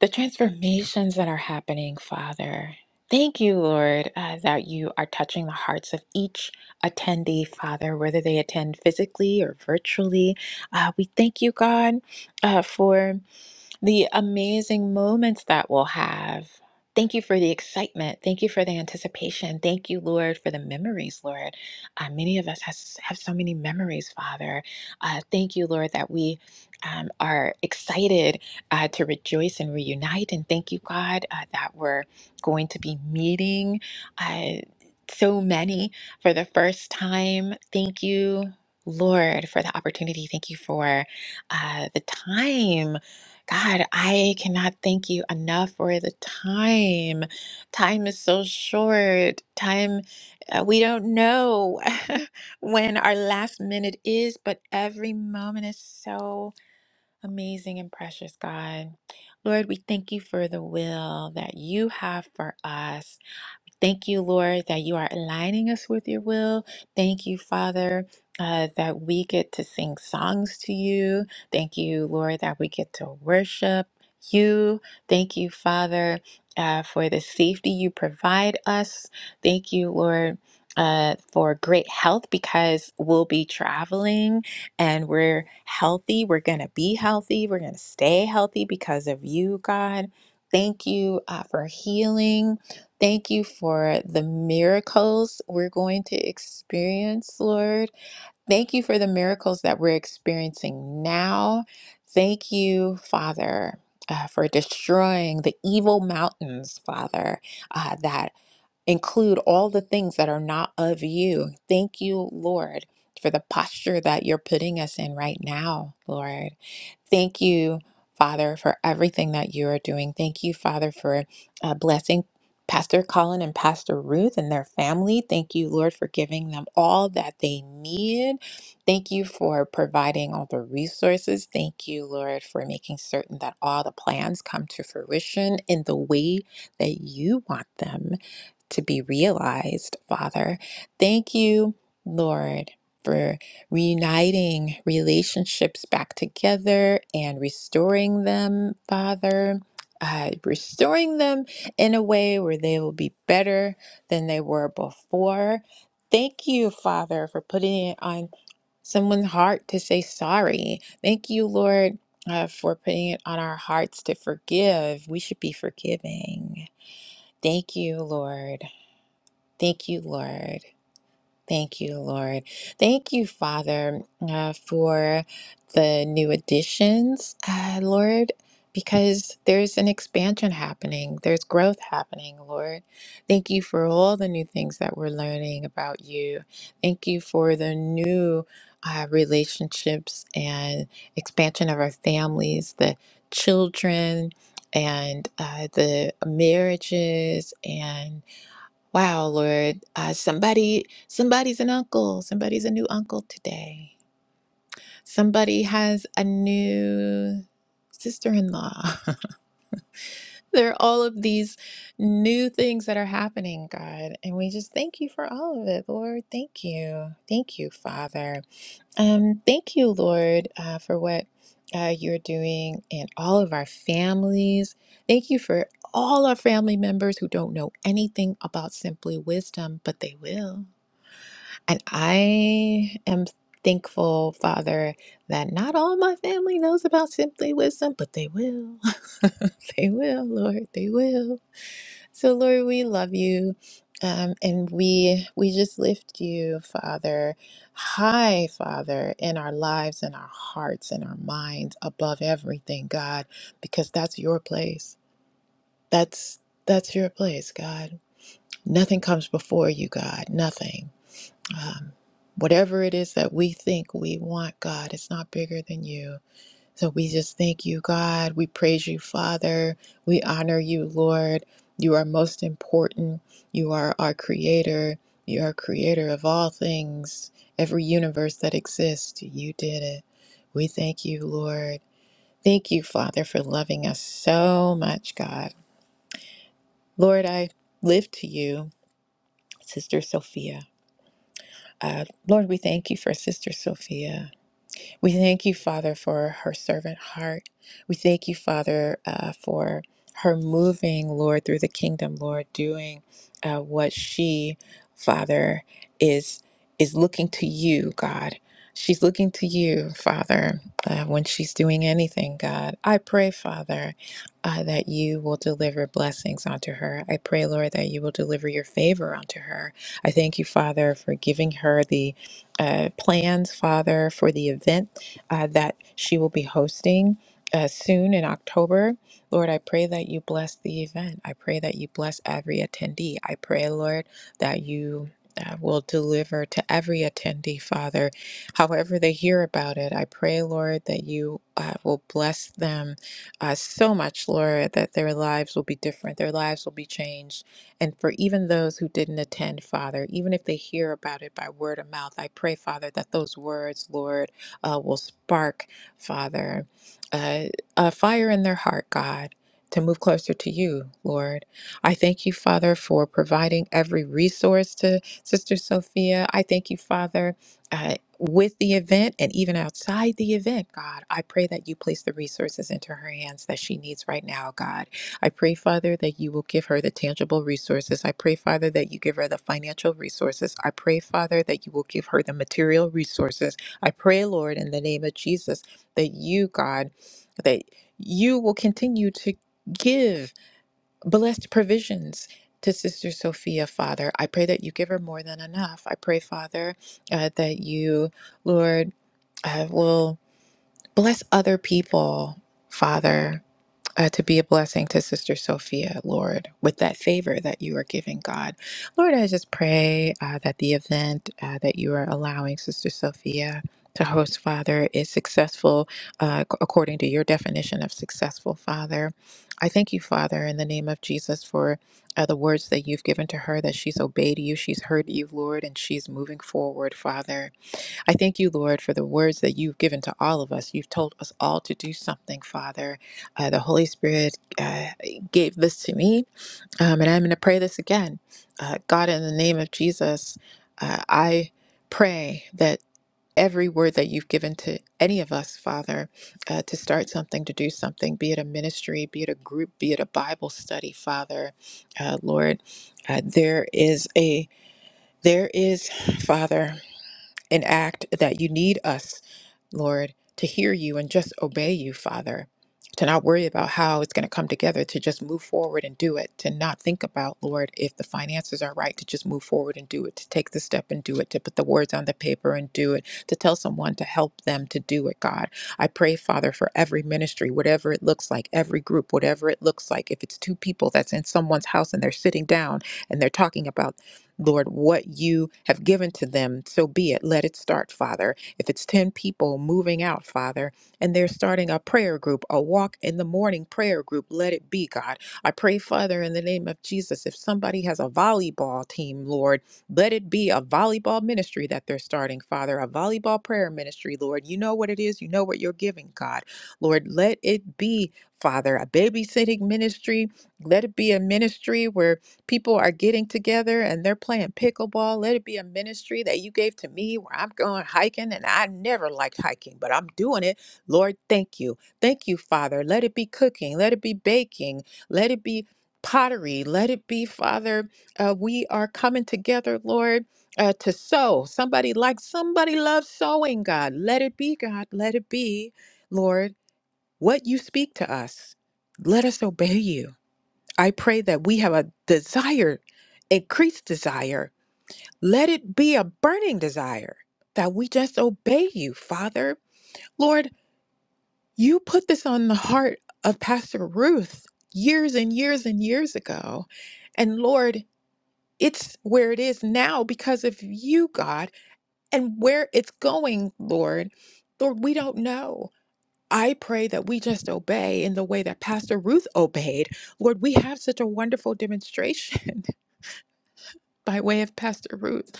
the transformations that are happening, Father. Thank you, Lord, uh, that you are touching the hearts of each attendee, Father, whether they attend physically or virtually. Uh, we thank you, God, uh, for the amazing moments that we'll have. Thank you for the excitement. Thank you for the anticipation. Thank you, Lord, for the memories, Lord. Uh, many of us has, have so many memories, Father. Uh, thank you, Lord, that we um, are excited uh, to rejoice and reunite. And thank you, God, uh, that we're going to be meeting uh, so many for the first time. Thank you, Lord, for the opportunity. Thank you for uh, the time God, I cannot thank you enough for the time. Time is so short. Time, uh, we don't know when our last minute is, but every moment is so amazing and precious, God. Lord, we thank you for the will that you have for us. Thank you, Lord, that you are aligning us with your will. Thank you, Father, uh, that we get to sing songs to you. Thank you, Lord, that we get to worship you. Thank you, Father, uh, for the safety you provide us. Thank you, Lord. Uh, for great health because we'll be traveling and we're healthy. We're going to be healthy. We're going to stay healthy because of you, God. Thank you uh, for healing Thank you for the miracles we're going to experience, Lord. Thank you for the miracles that we're experiencing now. Thank you, Father, uh, for destroying the evil mountains, Father, uh, that include all the things that are not of you. Thank you, Lord, for the posture that you're putting us in right now, Lord. Thank you, Father, for everything that you are doing. Thank you, Father, for uh, blessing Pastor Colin and Pastor Ruth and their family. Thank you, Lord, for giving them all that they need. Thank you for providing all the resources. Thank you, Lord, for making certain that all the plans come to fruition in the way that you want them to be realized, Father. Thank you, Lord, for reuniting relationships back together and restoring them, Father. Uh, restoring them in a way where they will be better than they were before. Thank you, Father, for putting it on someone's heart to say sorry. Thank you, Lord, uh, for putting it on our hearts to forgive. We should be forgiving. Thank you, Lord. Thank you, Lord. Thank you, Lord. Thank you, Father, uh, for the new additions, uh, Lord, because there's an expansion happening, there's growth happening, Lord. Thank you for all the new things that we're learning about you. Thank you for the new uh, relationships and expansion of our families, the children, and uh, the marriages, and Wow, Lord, uh, somebody, somebody's an uncle. Somebody's a new uncle today. Somebody has a new sister-in-law. there are all of these new things that are happening, God, and we just thank you for all of it, Lord. Thank you, thank you, Father. Um, thank you, Lord, uh, for what uh, you're doing in all of our families. Thank you for all our family members who don't know anything about Simply Wisdom, but they will. And I am thankful, Father, that not all my family knows about Simply Wisdom, but they will. they will, Lord. They will. So, Lord, we love you. Um, and we we just lift you, Father, high, Father, in our lives, in our hearts, in our minds, above everything, God, because that's your place. That's that's your place, God. Nothing comes before you, God. Nothing. Um, whatever it is that we think we want, God, it's not bigger than you. So we just thank you, God. We praise you, Father. We honor you, Lord. You are most important. You are our creator. You are creator of all things, every universe that exists. You did it. We thank you, Lord. Thank you, Father, for loving us so much, God. Lord, I live to you, Sister Sophia. Uh, Lord, we thank you for Sister Sophia. We thank you, Father, for her servant heart. We thank you, Father, uh, for her moving, Lord, through the kingdom, Lord, doing uh, what she, Father, is is looking to you, God. She's looking to you, Father, uh, when she's doing anything, God. I pray, Father, uh, that you will deliver blessings onto her. I pray, Lord, that you will deliver your favor onto her. I thank you, Father, for giving her the uh, plans, Father, for the event uh, that she will be hosting uh, soon in October. Lord, I pray that you bless the event. I pray that you bless every attendee. I pray, Lord, that you uh, will deliver to every attendee, Father, however they hear about it. I pray, Lord, that you uh, will bless them uh, so much, Lord, that their lives will be different, their lives will be changed. And for even those who didn't attend, Father, even if they hear about it by word of mouth, I pray, Father, that those words, Lord, uh, will spark, Father, uh, a fire in their heart, God, to move closer to you, Lord. I thank you, Father, for providing every resource to Sister Sophia. I thank you, Father. Uh, with the event and even outside the event, God, I pray that you place the resources into her hands that she needs right now, God. I pray, Father, that you will give her the tangible resources. I pray, Father, that you give her the financial resources. I pray, Father, that you will give her the material resources. I pray, Lord, in the name of Jesus, that you, God, that you will continue to give blessed provisions to Sister Sophia, Father. I pray that you give her more than enough. I pray, Father, uh, that you, Lord, uh, will bless other people, Father uh, to be a blessing to Sister Sophia, Lord, with that favor that you are giving, God. Lord, I just pray uh, that the event uh, that you are allowing Sister Sophia to host, Father, is successful uh, ac- according to your definition of successful, Father. I thank you, Father, in the name of Jesus, for uh, the words that you've given to her, that she's obeyed you, she's heard you, Lord, and she's moving forward, Father. I thank you, Lord, for the words that you've given to all of us. You've told us all to do something, Father. Uh, the Holy Spirit uh, gave this to me, um, and I'm going to pray this again. Uh, God, in the name of Jesus, uh, I pray that every word that you've given to any of us, Father, uh, to start something, to do something, be it a ministry, be it a group, be it a Bible study, Father, uh, Lord, uh, there is a there is, Father and act that you need us, Lord, to hear you and just obey you, Father. To not worry about how it's going to come together, to just move forward and do it, to not think about, Lord, if the finances are right, to just move forward and do it, to take the step and do it, to put the words on the paper and do it, to tell someone to help them to do it, God. I pray, Father, for every ministry, whatever it looks like, every group, whatever it looks like. If it's two people that's in someone's house and they're sitting down, and they're talking about Lord, what you have given to them. So be it. Let it start, Father. If it's 10 people moving out, Father, and they're starting a prayer group, a walk in the morning prayer group, let it be, God. I pray, Father, in the name of Jesus, if somebody has a volleyball team, Lord, let it be a volleyball ministry that they're starting, Father, a volleyball prayer ministry, Lord. You know what it is, you know what you're giving, God. Lord, let it be, Father, a babysitting ministry. Let it be a ministry where People are getting together and they're playing pickleball. Let it be a ministry that you gave to me where I'm going hiking and I never liked hiking, but I'm doing it. Lord, thank you. Thank you, Father. Let it be cooking. Let it be baking. Let it be pottery. Let it be, Father. Uh, we are coming together, Lord, uh, to sow. Somebody likes, somebody loves sowing, God. Let it be, God. Let it be, Lord, what you speak to us. Let us obey you. I pray that we have a desire, increased desire. Let it be a burning desire that we just obey you, Father. Lord, you put this on the heart of Pastor Ruth years and years and years ago. And Lord, it's where it is now because of you, God, and where it's going, Lord. Lord, we don't know. I pray that we just obey in the way that Pastor Ruth obeyed. Lord, we have such a wonderful demonstration by way of Pastor Ruth,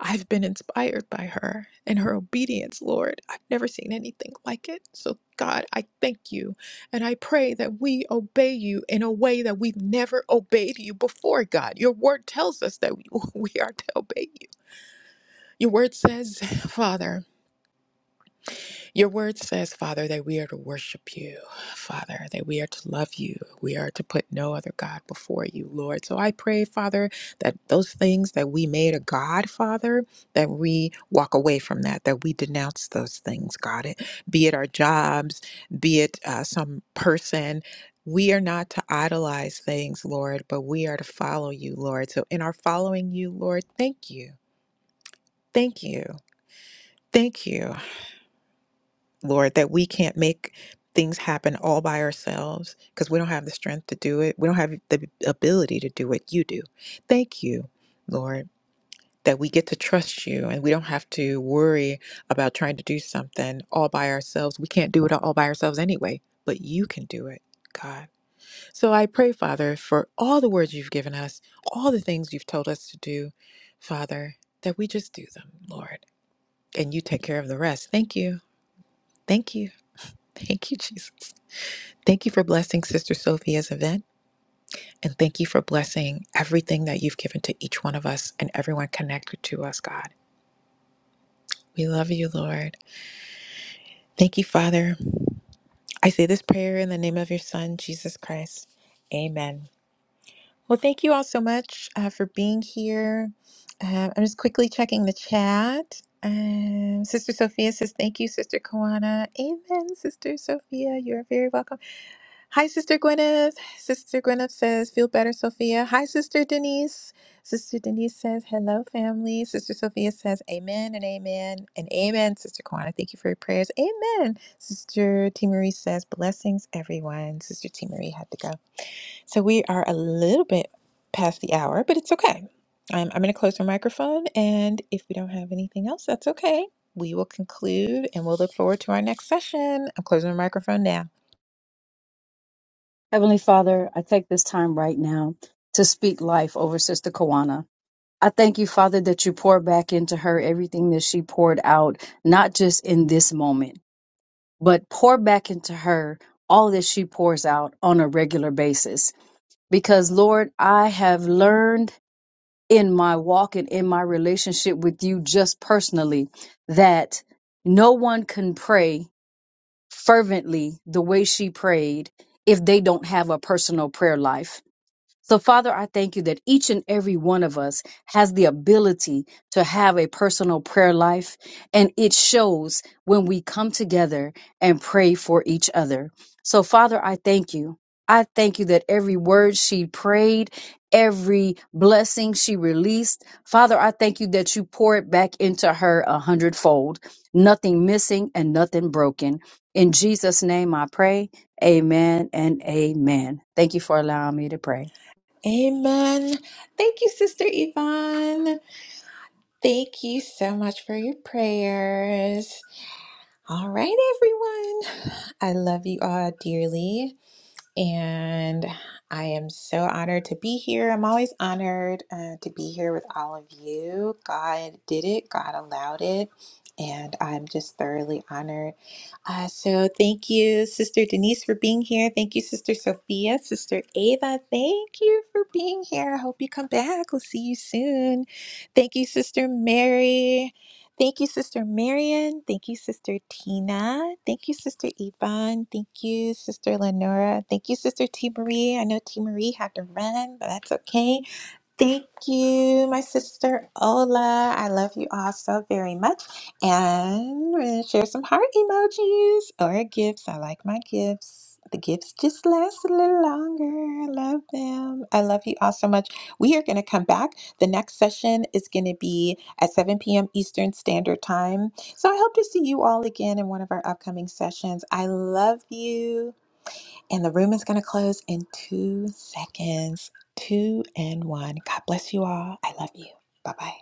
I've been inspired by her and her obedience, Lord. I've never seen anything like it. So, God, I thank you. And I pray that we obey you in a way that we've never obeyed you before, God. Your word tells us that we we are to obey you. Your word says, Father, your word says, Father, that we are to worship you, Father, that we are to love you. We are to put no other God before you, Lord. So I pray, Father, that those things that we made a God, Father, that we walk away from that, that we denounce those things, God, it, be it our jobs, be it uh, some person. We are not to idolize things, Lord, but we are to follow you, Lord. So in our following you, Lord, thank you. Thank you. Thank you. Lord, that we can't make things happen all by ourselves because we don't have the strength to do it. We don't have the ability to do what you do. Thank you, Lord, that we get to trust you and we don't have to worry about trying to do something all by ourselves. We can't do it all by ourselves anyway, but you can do it. God. So I pray, Father, for all the words you've given us, all the things you've told us to do, Father, that we just do them, Lord, and you take care of the rest. Thank you. Thank you. Thank you, Jesus. Thank you for blessing Sister Sophia's event, and thank you for blessing everything that you've given to each one of us and everyone connected to us, God. We love you, Lord. Thank you, Father. I say this prayer in the name of your Son, Jesus Christ. Amen. Well, thank you all so much uh, for being here. Uh, I'm just quickly checking the chat. Um, Sister Sophia says, Thank you, Sister Koana. Amen, Sister Sophia. You're very welcome. Hi, Sister Gwyneth. Sister Gwyneth says, Feel better, Sophia. Hi, Sister Denise. Sister Denise says, Hello, family. Sister Sophia says, Amen and amen and amen. Sister Kwana, thank you for your prayers. Amen. Sister T. Marie says, Blessings, everyone. Sister T. Marie had to go. So we are a little bit past the hour, but it's okay. Um, I'm going to close my microphone, and if we don't have anything else, that's okay. We will conclude and we'll look forward to our next session. I'm closing the microphone now.
Heavenly Father, I take this time right now to speak life over Sister Kawana. I thank you, Father, that you pour back into her everything that she poured out, not just in this moment but pour back into her all that she pours out on a regular basis. Because, Lord, I have learned in my walk and in my relationship with you just personally that no one can pray fervently the way she prayed if they don't have a personal prayer life so, Father, I thank you that each and every one of us has the ability to have a personal prayer life, and it shows when we come together and pray for each other. So, Father, I thank you. I thank you that every word she prayed, every blessing she released, Father, I thank you that you pour it back into her a hundredfold, nothing missing and nothing broken. In Jesus' name I pray. Amen and amen. Thank you for allowing me to pray.
Amen. Thank you, Sister Yvonne. Thank you so much for your prayers. All right, everyone. I love you all dearly. And I am so honored to be here. I'm always honored uh, to be here with all of you. God did it, God allowed it. And I'm just thoroughly honored. Uh, so, thank you, Sister Denise, for being here. Thank you, Sister Sophia, Sister Ava. Thank you for being here. I hope you come back. We'll see you soon. Thank you, Sister Mary. Thank you, Sister Marion. Thank you, Sister Tina. Thank you, Sister Yvonne. Thank you, Sister Lenora. Thank you, Sister T. Marie. I know T. Marie had to run, but that's okay. Thank you, my sister Ola. I love you all so very much. And we're gonna share some heart emojis or gifts. I like my gifts. The gifts just last a little longer. I love them. I love you all so much. We are going to come back. The next session is going to be at 7 p.m. Eastern Standard Time. So I hope to see you all again in one of our upcoming sessions. I love you. And the room is going to close in two seconds. Two and one. God bless you all. I love you. Bye bye.